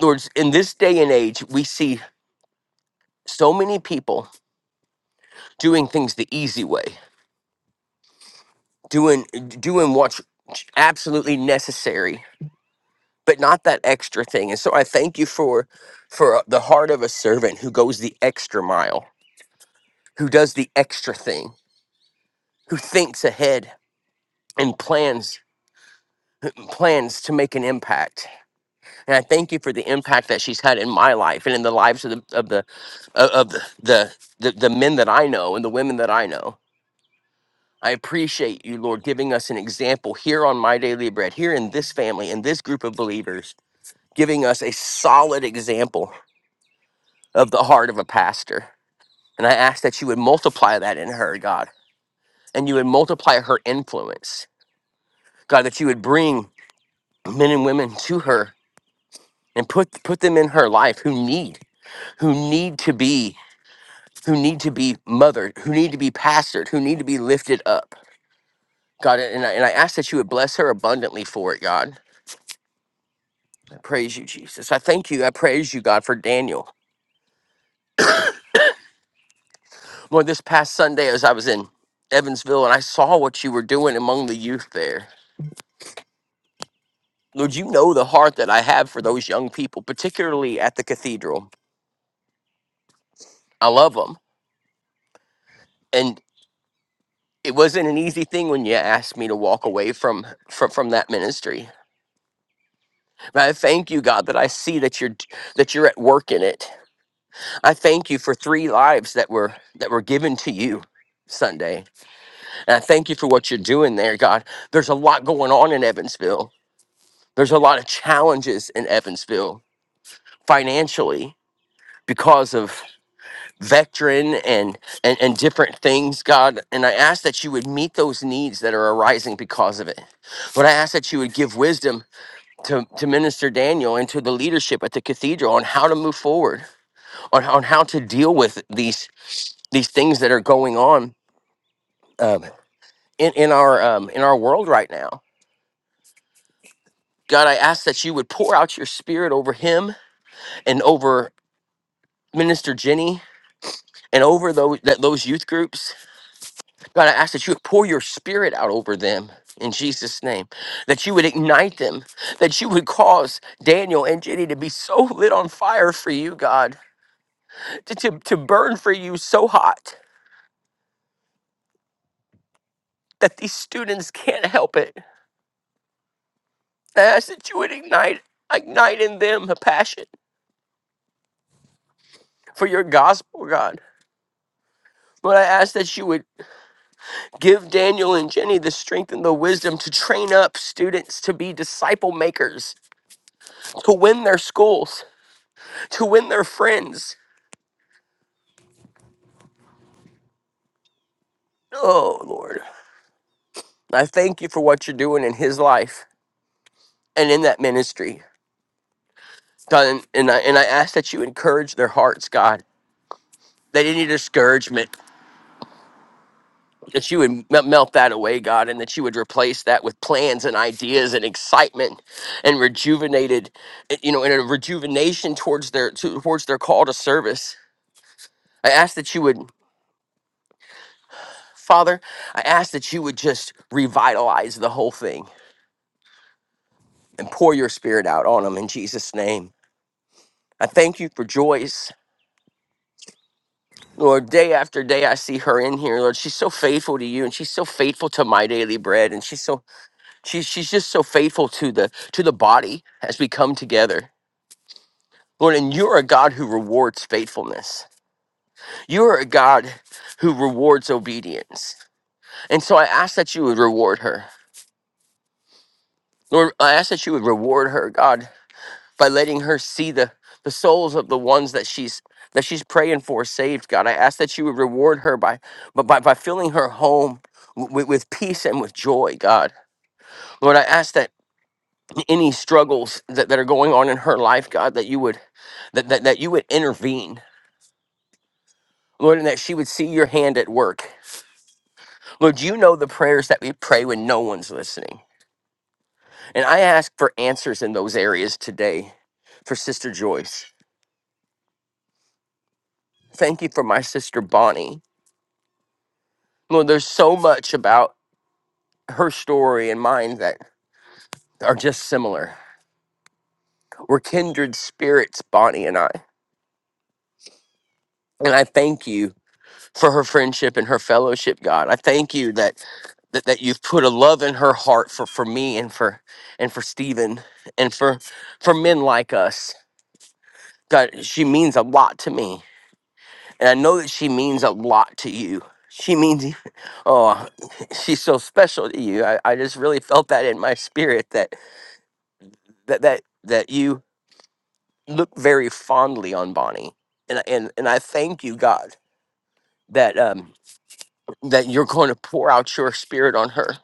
Speaker 3: Lord, in this day and age, we see so many people doing things the easy way, doing doing what's absolutely necessary, but not that extra thing. And so I thank you for for the heart of a servant who goes the extra mile, who does the extra thing, who thinks ahead and plans plans to make an impact And I thank you for the impact that she's had in my life and in the lives of the of the of of the the, the, the men that I know and the women that I know. I appreciate you, Lord, giving us an example here on My Daily Bread, here in this family, in this group of believers, giving us a solid example of the heart of a pastor. And I ask that you would multiply that in her, God, and you would multiply her influence. God, that you would bring men and women to her and put put them in her life who need who need to be who need to be mothered, who need to be pastored, who need to be lifted up. God, and I, and I ask that you would bless her abundantly for it, God. I praise you, Jesus. I thank you. I praise you, God, for Daniel. Lord, this past Sunday, as I was in Evansville and I saw what you were doing among the youth there, Lord, you know the heart that I have for those young people, particularly at the cathedral. I love them. And it wasn't an easy thing when you asked me to walk away from, from, from that ministry. But I thank you, God, that I see that you're that you're at work in it I thank you for three lives that were that were given to you Sunday. And I thank you for what you're doing there, God. There's a lot going on in Evansville. There's a lot of challenges in Evansville financially because of veteran and, and and different things, God. And I ask that you would meet those needs that are arising because of it. But I ask that you would give wisdom to, to Minister Daniel and to the leadership at the cathedral on how to move forward, on, on how to deal with these these things that are going on um, in in our um, in our world right now. God, I ask that you would pour out your Spirit over him and over Minister Jenny and over those that those youth groups. God, I ask that you would pour your Spirit out over them in Jesus' name. That you would ignite them. That you would cause Daniel and Jenny to be so lit on fire for you, God, to to, to burn for you so hot that these students can't help it. I ask that you would ignite ignite in them a passion for your gospel, God Lord, I ask that you would give Daniel and Jenny the strength and the wisdom to train up students to be disciple makers, to win their schools, to win their friends. Oh, Lord, I thank you for what you're doing in his life and in that ministry. God, And, and, I, and I ask that you encourage their hearts, God, that any discouragement, that you would me- melt that away, God, and that you would replace that with plans and ideas and excitement and rejuvenated, eh, you know, and a rejuvenation towards their to- towards their call to service. I ask that you would, Father, I ask that you would just revitalize the whole thing and pour your spirit out on them in Jesus' name. I thank you for Joyce. Lord, day after day I see her in here. Lord, she's so faithful to you and she's so faithful to my daily bread and she's so She's she's just so faithful to the to the body as we come together. Lord, and you're a God who rewards faithfulness. You're a God who rewards obedience. And so I ask that you would reward her. Lord, I ask that you would reward her, God, by letting her see the the souls of the ones that she's that she's praying for saved, God. I ask that you would reward her by by, by by filling her home with, with peace and with joy, God. Lord, I ask that any struggles that, that are going on in her life, God, that you would that, that that you would intervene, Lord, and that she would see your hand at work. Lord, you know the prayers that we pray when no one's listening. And I ask for answers in those areas today for Sister Joyce. Thank you for my sister Bonnie. Lord, there's so much about her story and mine that are just similar. We're kindred spirits, Bonnie and I. And I thank you for her friendship and her fellowship, God. I thank you that that, that you've put a love in her heart for, for me and for and for Stephen and for for men like us. God, she means a lot to me. And I know that she means a lot to you. She means you- oh she's so special to you. I, I just really felt that in my spirit that that that that you look very fondly on Bonnie. And and and I thank you, God, that um that you're going to pour out your spirit on her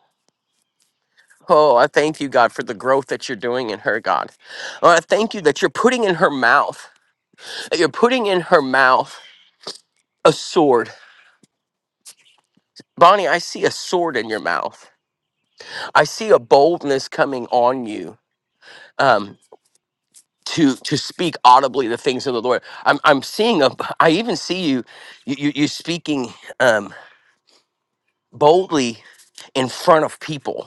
Speaker 3: Oh, I thank you, God, for the growth that you're doing in her, God. Oh, I thank you that you're putting in her mouth, that you're putting in her mouth a sword. Bonnie, I see a sword in your mouth. I see a boldness coming on you um, to to speak audibly the things of the Lord. I'm I'm seeing a. I even see you you you, you speaking um, boldly in front of people.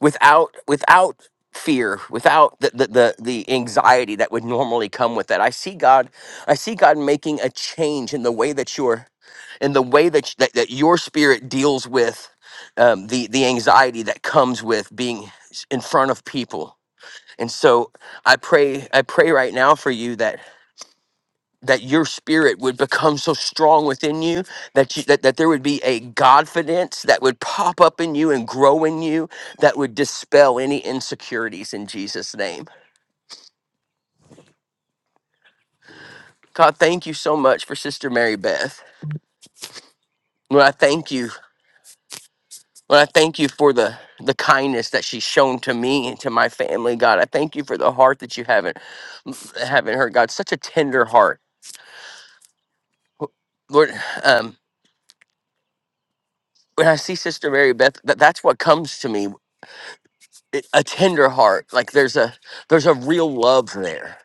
Speaker 3: without without fear without the, the the the anxiety that would normally come with that i see god i see god making a change in the way that you're in the way that that, that your spirit deals with um, the the anxiety that comes with being in front of people and so i pray i pray right now for you that that your spirit would become so strong within you that you that, that there would be a confidence that would pop up in you and grow in you that would dispel any insecurities in Jesus name. God, thank you so much for Sister Mary Beth. Lord, I thank you. Lord, I thank you for the the kindness that she's shown to me and to my family. God, I thank you for the heart that you haven't haven't heard. God, such a tender heart. Lord, um when I see Sister Mary Beth, that, that's what comes to me. it- a tender heart like there's a there's a real love there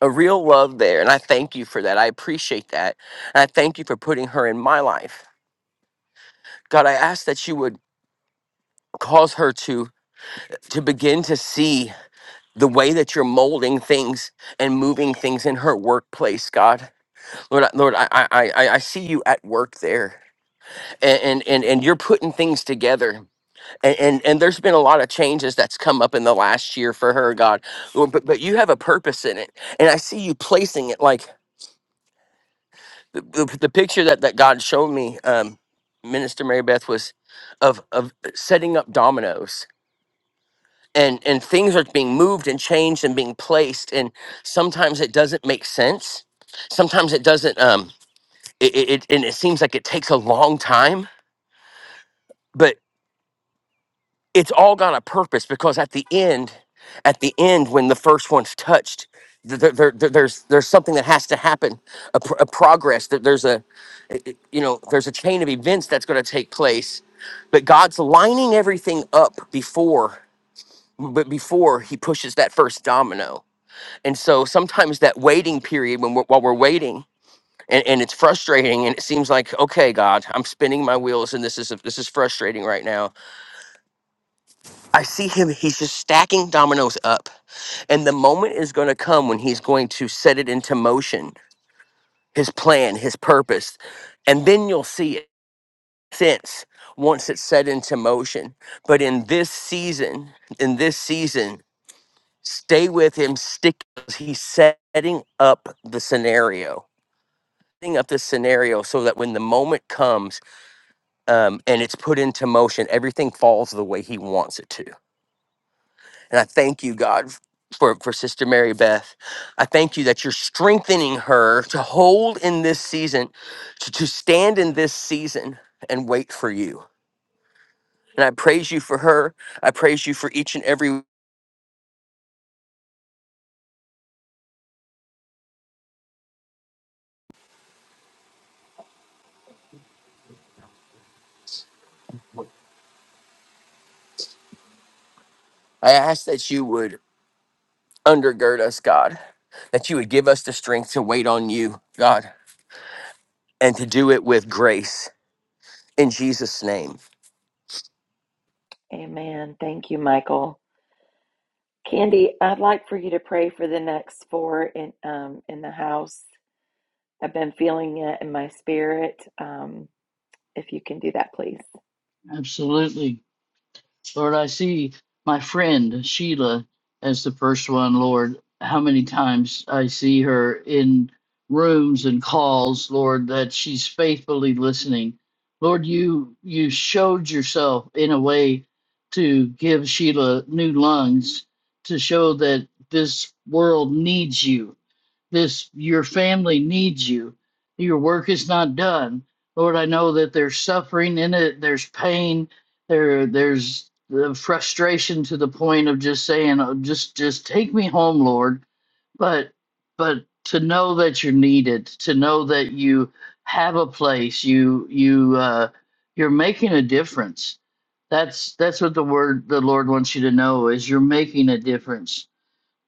Speaker 3: a real love there and i thank you for that i appreciate that and i thank you for putting her in my life god i ask that you would cause her to to begin to see the way that you're molding things and moving things in her workplace god lord I- lord i i i, I I see you at work there and and and and you're putting things together and, and and there's been a lot of changes that's come up in the last year for her god Lord, but, but you have a purpose in it and i see you placing it like the, the, the picture that, that god showed me um, minister mary beth was of of setting up dominoes and and things are being moved and changed and being placed and sometimes it doesn't make sense sometimes it doesn't um it, it, it and it seems like it takes a long time it's all got a purpose because at the end at the end when the first one's touched th- there, there, there- there's there's something that has to happen a, pr- a progress that there's a you know there's a chain of events that's going to take place but god's lining everything up before but before he pushes that first domino and so sometimes that waiting period when we're, while we're waiting and, and it's frustrating and it seems like okay god i'm spinning my wheels and this is this is frustrating right now i see him he's just stacking dominoes up And the moment is going to come when he's going to set it into motion, his plan, his purpose. And then you'll see it since once it's set into motion. But in this season, in this season, stay with him, stick. He's setting up the scenario, setting up the scenario so that when the moment comes um, and it's put into motion, everything falls the way he wants it to And I thank you, God, for, for Sister Mary Beth. I thank you that you're strengthening her to hold in this season, to, to stand in this season and wait for you. And I praise you for her. I praise you for each and every. I ask that you would undergird us, God, that you would give us the strength to wait on you, God, and to do it with grace in Jesus' name.
Speaker 1: Amen. Thank you, Michael. Candy, I'd like for you to pray for the next four in um in the house. I've been feeling it in my spirit. Um, if you can do that, please.
Speaker 5: Absolutely. Lord, I see my friend Sheila as the first one, Lord. How many times I see her in rooms and calls, Lord, that she's faithfully listening. Lord, you you showed yourself in a way to give Sheila new lungs to show that this world needs you this your family needs you your work is not done lord i know that there's suffering in it there's pain there there's the frustration to the point of just saying oh, just just take me home lord but but to know that you're needed to know that you have a place you you uh you're making a difference that's that's what the word the lord wants you to know is you're making a difference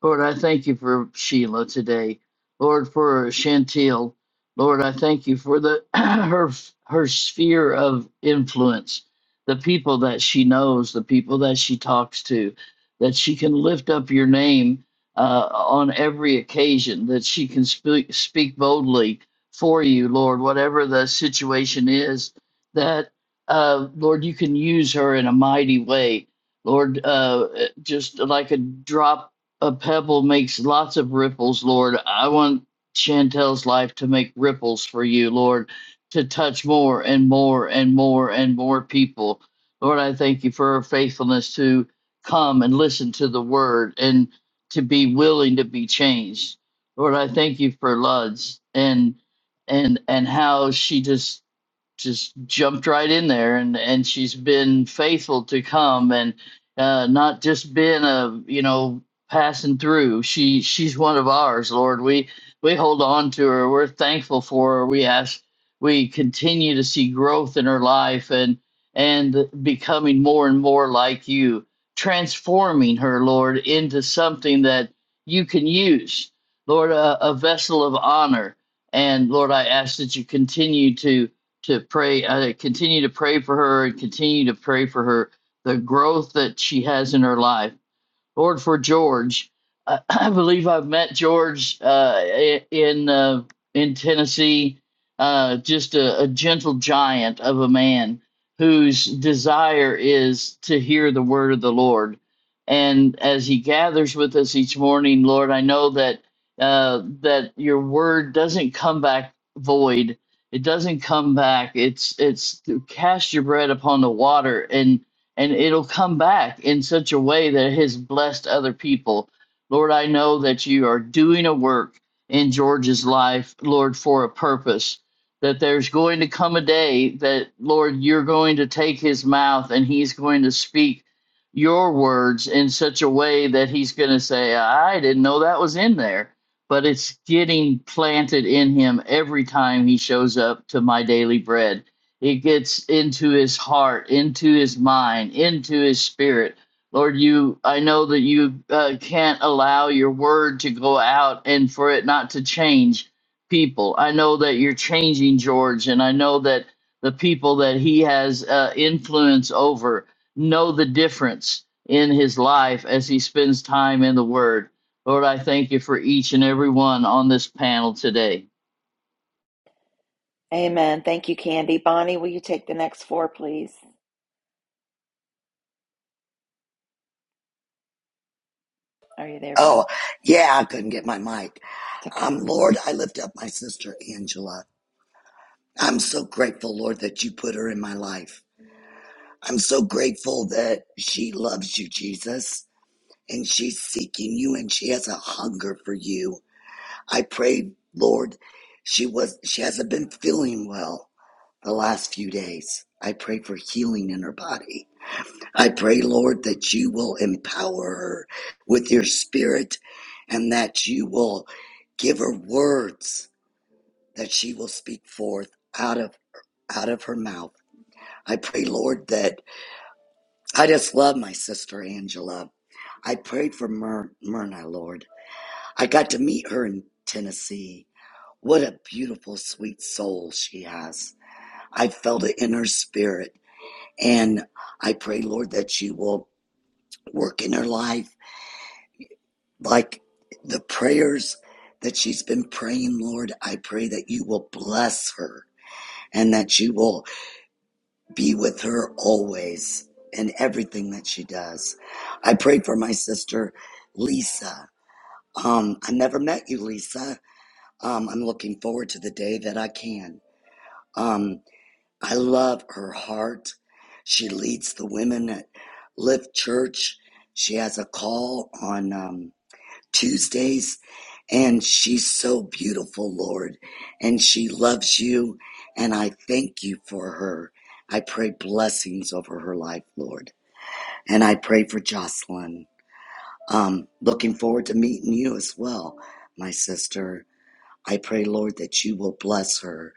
Speaker 5: Lord, I thank you for Sheila today. Lord, for Chantel. Lord, I thank you for the her her sphere of influence, the people that she knows, the people that she talks to, that she can lift up your name uh, on every occasion, that she can speak speak boldly for you, Lord, whatever the situation is. That uh, Lord, you can use her in a mighty way. Lord, uh, just like a drop a pebble makes lots of ripples, Lord. I want Chantel's life to make ripples for you, Lord, to touch more and more and more and more people. Lord, I thank you for her faithfulness to come and listen to the word and to be willing to be changed. Lord, I thank you for Luds and and and how she just just jumped right in there and and she's been faithful to come and uh not just been a you know passing through she she's one of ours lord we we hold on to her we're thankful for her we ask we continue to see growth in her life and and becoming more and more like you transforming her lord into something that you can use lord a, a vessel of honor and lord i ask that you continue to to pray uh, continue to pray for her and continue to pray for her the growth that she has in her life Lord for George. I, I believe I've met George uh, in uh, in Tennessee. Uh, just a, a gentle giant of a man whose desire is to hear the word of the Lord. And as he gathers with us each morning, Lord, I know that uh, that your word doesn't come back void. It doesn't come back. It's it's to cast your bread upon the water and and it'll come back in such a way that it has blessed other people. Lord, I know that you are doing a work in George's life, Lord, for a purpose. That there's going to come a day that, Lord, you're going to take his mouth and he's going to speak your words in such a way that he's going to say, I didn't know that was in there. But it's getting planted in him every time he shows up to my daily bread it gets into his heart, into his mind, into his spirit. Lord, you I know that you uh, can't allow your word to go out and for it not to change people. I know that you're changing George and I know that the people that he has uh, influence over know the difference in his life as he spends time in the word. Lord, I thank you for each and every one on this panel today.
Speaker 1: Amen. Thank you, Candy. Bonnie, will you take the next four, please? Are you there,
Speaker 8: Oh,
Speaker 1: Bonnie?
Speaker 8: yeah. I couldn't get my mic.
Speaker 1: It's okay.
Speaker 8: Um, Lord, I lift up my sister Angela. I'm so grateful, Lord, that you put her in my life. I'm so grateful that she loves you, Jesus, and she's seeking you and she has a hunger for you. I pray, Lord, she was, she hasn't been feeling well the last few days. I pray for healing in her body. I pray, Lord, that you will empower her with your spirit and that you will give her words that she will speak forth out of out of her mouth. I pray, Lord, that I just love my sister Angela. I prayed for Myr- Myrna, Lord. I got to meet her in Tennessee. What a beautiful, sweet soul she has. I felt it in her spirit. And I pray, Lord, that you will work in her life like the prayers that she's been praying, Lord, I pray that you will bless her and that you will be with her always in everything that she does. I pray for my sister, Lisa. Um, I never met you, Lisa. Um, I'm looking forward to the day that I can. Um, I love her heart. She leads the women at Lift Church. She has a call on. um, Tuesdays. And she's so beautiful, Lord, and she loves you. And I thank you for her. I pray blessings over her life, Lord. And I pray for Jocelyn. Um, looking forward to meeting you as well, my sister. I pray, Lord, that you will bless her,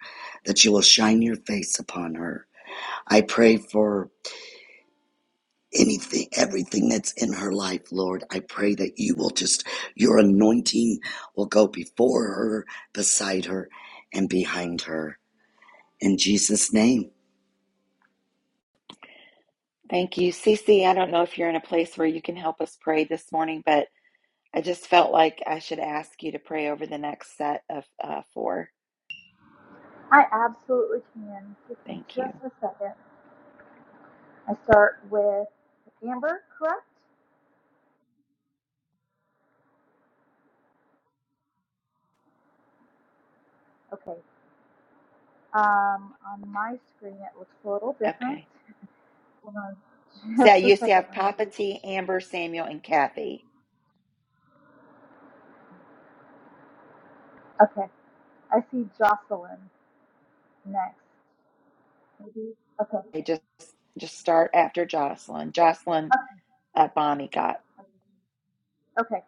Speaker 8: that you will shine your face upon her. I pray for anything, everything that's in her life, Lord. I pray that you will just, your anointing will go before her, beside her, and behind her. In Jesus' name.
Speaker 1: Thank you. Cece, I don't know if you're in a place where you can help us pray this morning, but I just felt like I should ask you to pray over the next set of uh, four.
Speaker 9: I absolutely can. Give me
Speaker 1: Thank
Speaker 9: just
Speaker 1: you.
Speaker 9: a second. I start with Amber, correct? Okay. Um, on my screen, it looks a little different.
Speaker 1: Okay.
Speaker 9: Hold on just
Speaker 1: So
Speaker 9: a
Speaker 1: you see, I
Speaker 9: second.
Speaker 1: have
Speaker 9: Let me
Speaker 1: Papa
Speaker 9: read.
Speaker 1: T, Amber, Samuel, and Kathy.
Speaker 9: Okay. I see Jocelyn next. Maybe. Okay.
Speaker 1: They just just start after Jocelyn. Jocelyn,
Speaker 9: Okay.
Speaker 1: that Bonnie got.
Speaker 9: Okay.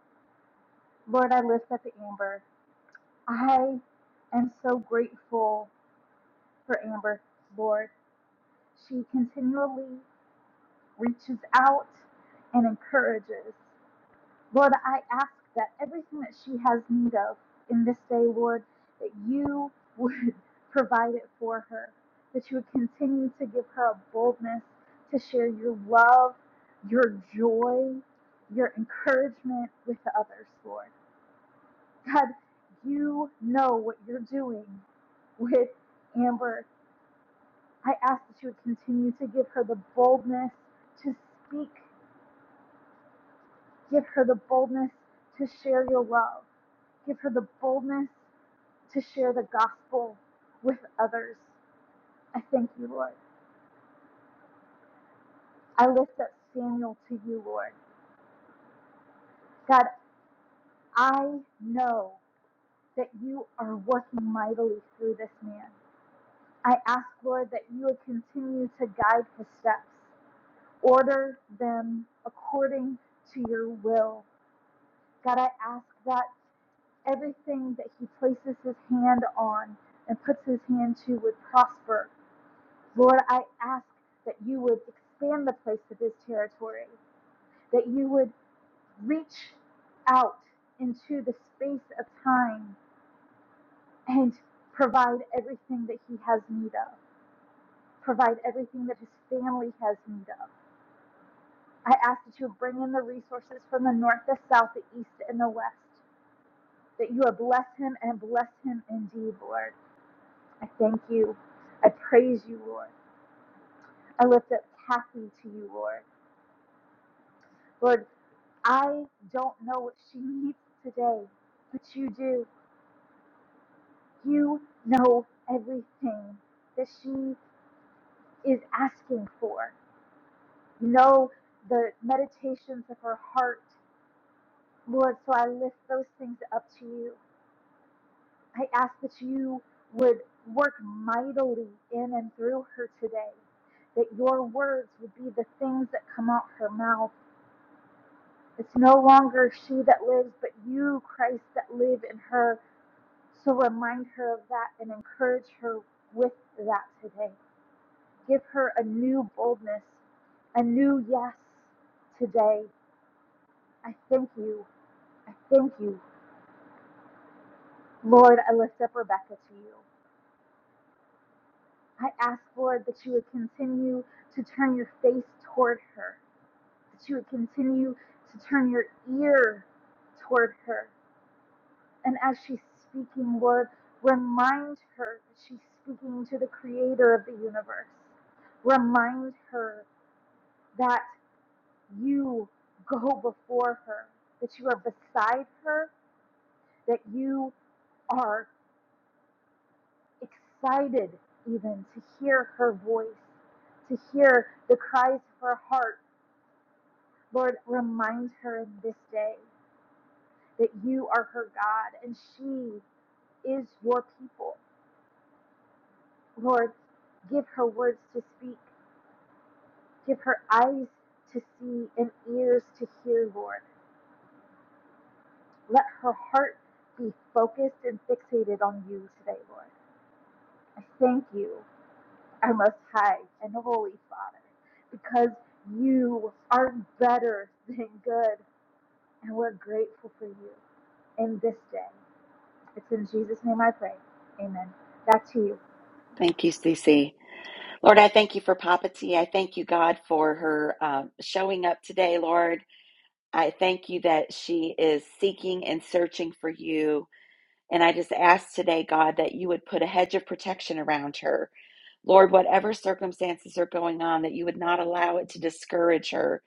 Speaker 9: Lord, I lift up Amber. I am so grateful for Amber, Lord. She continually reaches out and encourages. Lord, I ask that everything that she has need of in this day, Lord, that you would provide it for her, that you would continue to give her a boldness to share your love, your joy, your encouragement with others, Lord. God, you know what you're doing with Amber. I ask that you would continue to give her the boldness to speak Give her the boldness to share your love. Give her the boldness to share the gospel with others. I thank you, Lord. I lift up Samuel to you, Lord. God, I know that you are working mightily through this man. I ask, Lord, that you would continue to guide his steps, order them according to your will. God, I ask that. everything that he places his hand on and puts his hand to would prosper. Lord, I ask that you would expand the place of his territory, that you would reach out into the space of time and provide everything that he has need of, provide everything that his family has need of. I ask that you bring in the resources from the north, the south, the east, and the west, that you would bless him and bless him indeed, Lord. I thank you. I praise you, Lord. I lift up Kathy to you, Lord. Lord, I don't know what she needs today, but you do. You know everything that she is asking for. You know the meditations of her heart, Lord. So I lift those things up to you. I ask that you would work mightily in and through her today, that your words would be the things that come out her mouth It's no longer she that lives, but you, Christ, that live in her. So remind her of that and encourage her with that today. Give her a new boldness, a new yes today. I thank you. I thank you. Lord, I lift up Rebecca to you. I ask, Lord, that you would continue to turn your face toward her, that you would continue to turn your ear toward her, And as she's speaking, Lord, remind her that she's speaking to the creator of the universe. Remind her that you go before her, that you are beside her, that you are excited even to hear her voice, to hear the cries of her heart. Lord, remind her in this day that you are her God and she is your people. Lord, give her words to speak. Give her eyes to see and ears to hear, Lord. Let her heart be focused and fixated on you today, Lord. I thank you, our most high and holy Father, because you are better than good, and we're grateful for you in this day. It's in Jesus' name I pray. Amen. Back to you.
Speaker 1: Thank you, Cece. Lord, I thank you for Papa T. I thank you, God, for her um, showing up today, Lord. I thank you that she is seeking and searching for you. And I just ask today, God, that you would put a hedge of protection around her. Lord, whatever circumstances are going on, that you would not allow it to discourage her,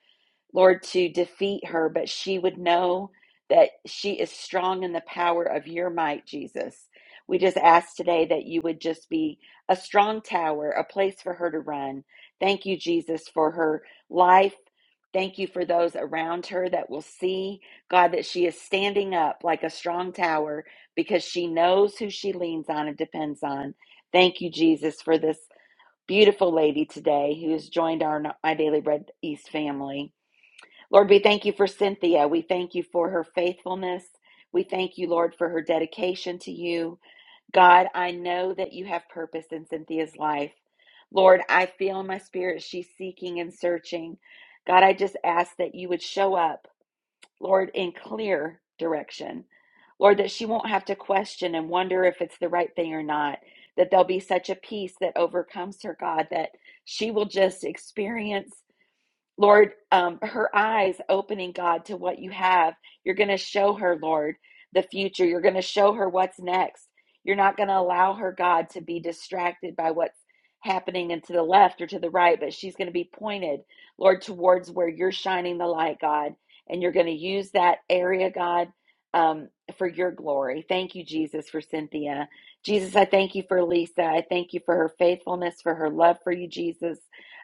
Speaker 1: Lord, to defeat her, but she would know that she is strong in the power of your might, Jesus. We just ask today that you would just be a strong tower, a place for her to run. Thank you, Jesus, for her life. Thank you for those around her that will see, God, that she is standing up like a strong tower because she knows who she leans on and depends on. Thank you, Jesus, for this beautiful lady today who has joined our My Daily Bread East family. Lord, we thank you for Cynthia. We thank you for her faithfulness. We thank you, Lord, for her dedication to you. God, I know that you have purpose in Cynthia's life. Lord, I feel in my spirit she's seeking and searching. God, I just ask that you would show up Lord, in clear direction. Lord, that she won't have to question and wonder if it's the right thing or not. That there'll be such a peace that overcomes her, God, that she will just experience Lord, um, her eyes opening, God, to what you have. You're going to show her, Lord, the future. You're going to show her what's next. You're not going to allow her, God, to be distracted by what's happening and to the left or to the right, but she's going to be pointed, Lord, towards where you're shining the light, God. And you're going to use that area, God, um, for your glory. Thank you, Jesus, for Cynthia. Jesus, I thank you for Lisa. I thank you for her faithfulness, for her love for you, Jesus.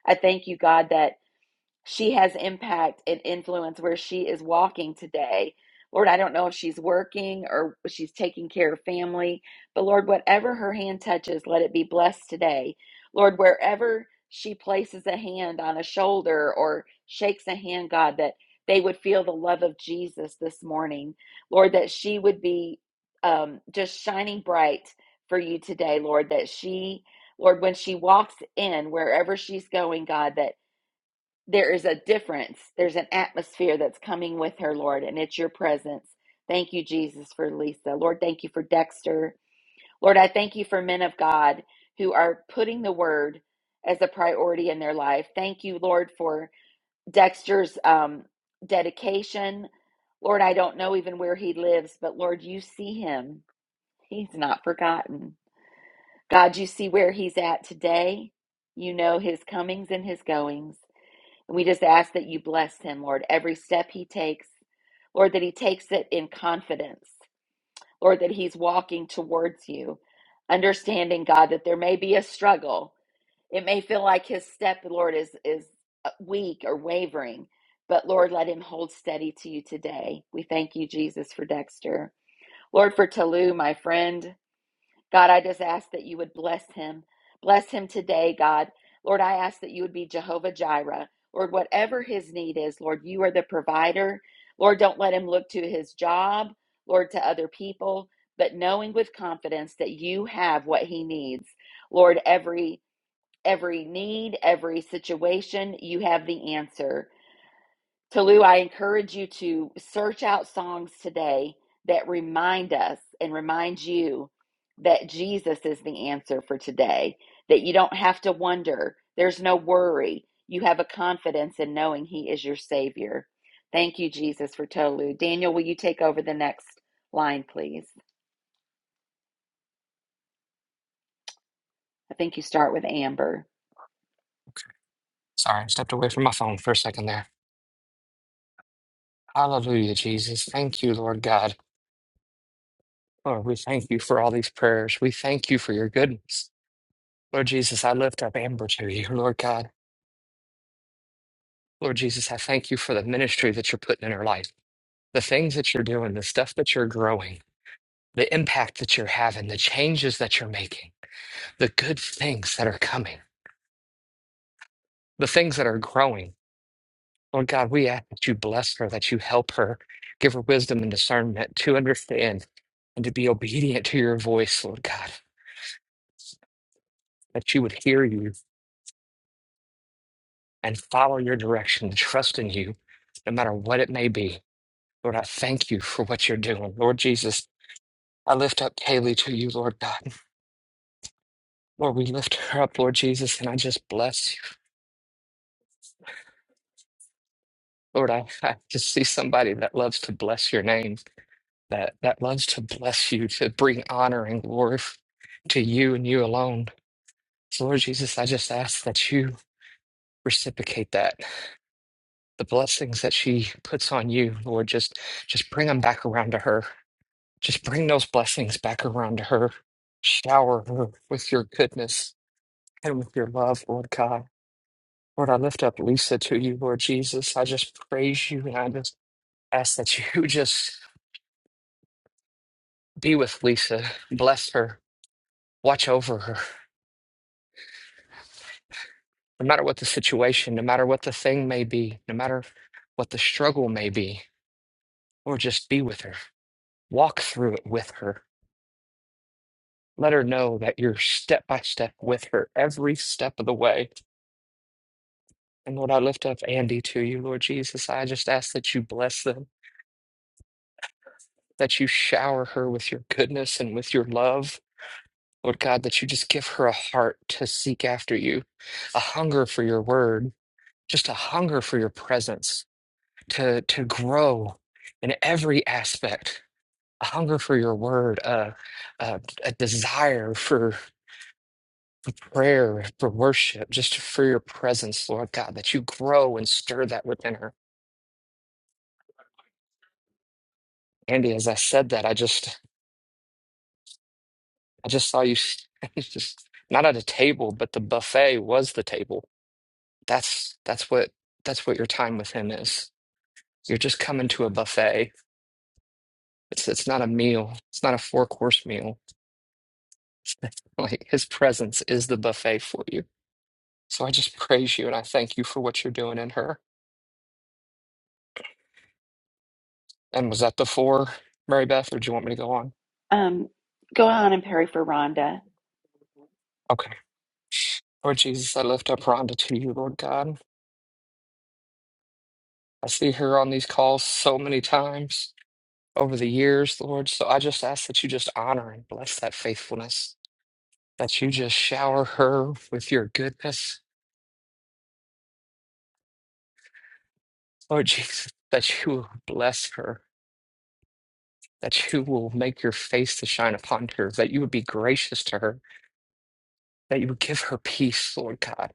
Speaker 1: I thank you, God, that. She has impact and influence where she is walking today. Lord, I don't know if she's working or she's taking care of family, but Lord, whatever her hand touches, let it be blessed today. Lord, wherever she places a hand on a shoulder or shakes a hand, God, that they would feel the love of Jesus this morning. Lord, that she would be um, just shining bright for you today, Lord, that she, Lord, when she walks in, wherever she's going, God, that there is a difference. There's an atmosphere that's coming with her, Lord, and it's your presence. Thank you, Jesus, for Lisa. Lord, thank you for Dexter. Lord, I thank you for men of God who are putting the word as a priority in their life. Thank you, Lord, for Dexter's um, dedication. Lord, I don't know even where he lives, but Lord, you see him. He's not forgotten. God, you see where he's at today. You know his comings and his goings. And we just ask that you bless him, Lord, every step he takes. Lord, that he takes it in confidence. Lord, that he's walking towards you, understanding, God, that there may be a struggle. It may feel like his step, Lord, is, is uh, weak or wavering, but Lord, let him hold steady to you today. We thank you, Jesus, for Dexter. Lord, for Talu, my friend. God, I just ask that you would bless him. Bless him today, God. Lord, I ask that you would be Jehovah Jireh. Lord, whatever his need is, Lord, you are the provider. Lord, don't let him look to his job, Lord, to other people, but knowing with confidence that you have what he needs. Lord, every every need, every situation, you have the answer. Tolu, I encourage you to search out songs today that remind us and remind you that Jesus is the answer for today, that you don't have to wonder, there's no worry. You have a confidence in knowing He is your Savior. Thank you, Jesus, for Tolu. Daniel, will you take over the next line, please? I think you start with Amber.
Speaker 2: Sorry, I stepped away from my phone for a second there. Hallelujah, Jesus. Thank you, Lord God. Lord, we thank you for all these prayers. We thank you for your goodness. Lord Jesus, I lift up Amber to you, Lord God. Lord Jesus, I thank you for the ministry that you're putting in her life, the things that you're doing, the stuff that you're growing, the impact that you're having, the changes that you're making, the good things that are coming, the things that are growing. Lord God, we ask that you bless her, that you help her, give her wisdom and discernment to understand and to be obedient to your voice, Lord God, that you would hear you and follow your direction and trust in you, no matter what it may be. Lord, I thank you for what you're doing. Lord Jesus, I lift up Kaylee to you, Lord God. Lord, we lift her up, Lord Jesus, and I just bless you. Lord, I, I just see somebody that loves to bless your name, that, that loves to bless you, to bring honor and glory f- to you and you alone. So, Lord Jesus, I just ask that you reciprocate that. the blessings that she puts on you, Lord, just just bring them back around to her. Just bring those blessings back around to her. Shower her with your goodness and with your love, Lord God. Lord, I lift up Lisa to you, Lord Jesus. I just praise you and I just ask that you just be with Lisa. Bless her. Watch over her. No matter what the situation, no matter what the thing may be, no matter what the struggle may be, Lord, just be with her. Walk through it with her Let her know that you're step by step with her every step of the way. And Lord, I lift up Andy to you, Lord Jesus. I just ask that you bless them, that you shower her with your goodness and with your love. Lord God, that you just give her a heart to seek after you, a hunger for your word, just a hunger for your presence, to, to grow in every aspect, a hunger for your word, a, a, a desire for. prayer, for worship, just for your presence, Lord God, that you grow and stir that within her. Andy, as I said that, I just I just saw you s- just not at a table, but the buffet was the table. That's that's what that's what your time with him is. You're just coming to a buffet. It's it's not a meal. It's not a four course meal. Like his presence is the buffet for you. So I just praise you and I thank you for what you're doing in her. And was that before Mary Beth, or do you want me to go on?
Speaker 1: Um, go on, Amber.
Speaker 2: Okay. Lord Jesus, I lift up Rhonda to you, Lord God. I see her on these calls so many times over the years, Lord. So I just ask that you just honor and bless that faithfulness, that you just shower her with your goodness, Lord Jesus, that you will bless her, that you will make your face to shine upon her, that you would be gracious to her, that you would give her peace, Lord God,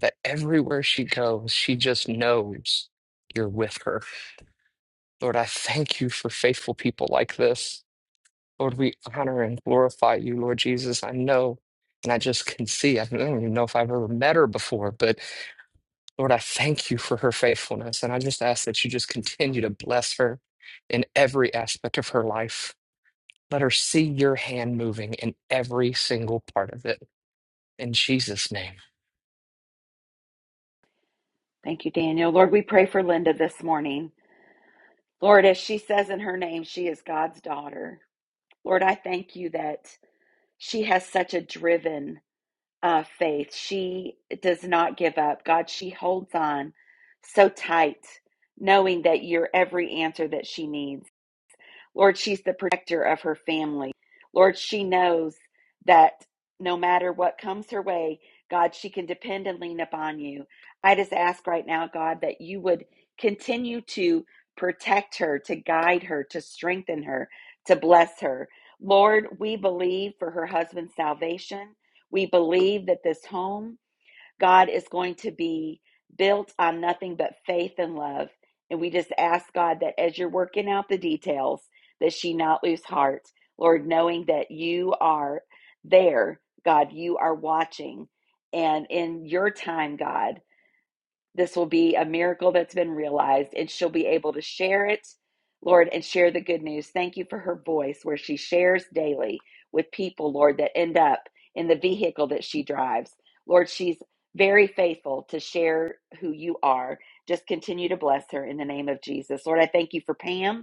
Speaker 2: that everywhere she goes, she just knows you're with her. Lord, I thank you for faithful people like this. Lord, we honor and glorify you, Lord Jesus. I know, and I just can see, I don't even know if I've ever met her before, but Lord, I thank you for her faithfulness. And I just ask that you just continue to bless her in every aspect of her life. Let her see your hand moving in every single part of it. In Jesus' name.
Speaker 1: Thank you, Daniel. Lord, we pray for Linda this morning. Lord, as she says in her name, she is God's daughter. Lord, I thank you that she has such a driven uh, faith. She does not give up. God, she holds on so tight, knowing that you're every answer that she needs. Lord, she's the protector of her family. Lord, she knows that no matter what comes her way, God, she can depend and lean upon you. I just ask right now, God, that you would continue to protect her, to guide her, to strengthen her, to bless her. Lord, we believe for her husband's salvation. We believe that this home God is going to be built on nothing but faith and love. And we just ask God that as you're working out the details, that she not lose heart. Lord, knowing that you are there, God, you are watching. And in your time, God, this will be a miracle that's been realized, and she'll be able to share it, Lord, and share the good news. Thank you for her voice, where she shares daily with people, Lord, that end up in the vehicle that she drives. Lord, she's very faithful to share who you are. Just continue to bless her in the name of Jesus. Lord, I thank you for Pam.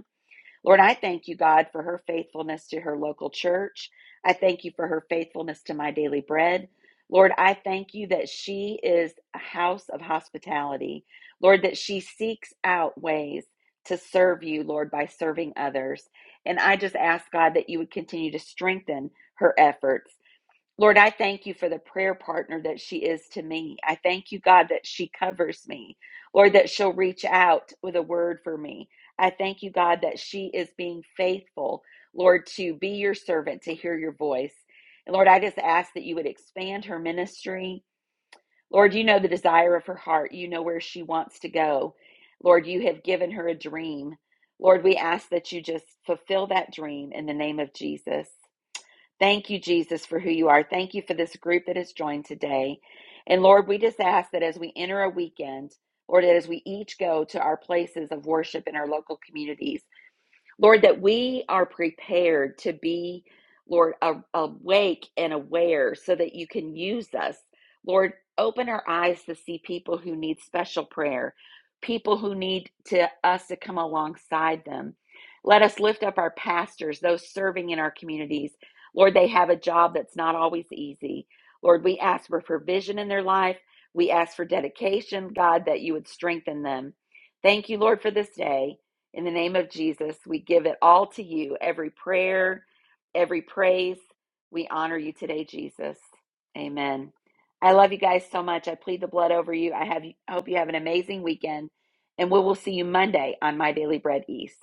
Speaker 1: Lord, I thank you, God, for her faithfulness to her local church. I thank you for her faithfulness to my daily bread. Lord, I thank you that she is a house of hospitality. Lord, that she seeks out ways to serve you, Lord, by serving others. And I just ask, God, that you would continue to strengthen her efforts. Lord, I thank you for the prayer partner that she is to me. I thank you, God, that she covers me. Lord, that she'll reach out with a word for me. I thank you, God, that she is being faithful, Lord, to be your servant, to hear your voice. And Lord, I just ask that you would expand her ministry. Lord, you know the desire of her heart. You know where she wants to go. Lord, you have given her a dream. Lord, we ask that you just fulfill that dream in the name of Jesus. Thank you, Jesus, for who you are. Thank you for this group that has joined today. And Lord, we just ask that as we enter a weekend, Lord, that as we each go to our places of worship in our local communities, Lord, that we are prepared to be, Lord, a- awake and aware so that you can use us. Lord, open our eyes to see people who need special prayer, people who need to us to come alongside them. Let us lift up our pastors, those serving in our communities. Lord, they have a job that's not always easy. Lord, we ask for provision in their life. We ask for dedication, God, that you would strengthen them. Thank you, Lord, for this day. In the name of Jesus, we give it all to you every prayer, every praise. We honor you today, Jesus. Amen. I love you guys so much. I plead the blood over you. I have I hope you have an amazing weekend, and we will see you Monday on My Daily Bread East.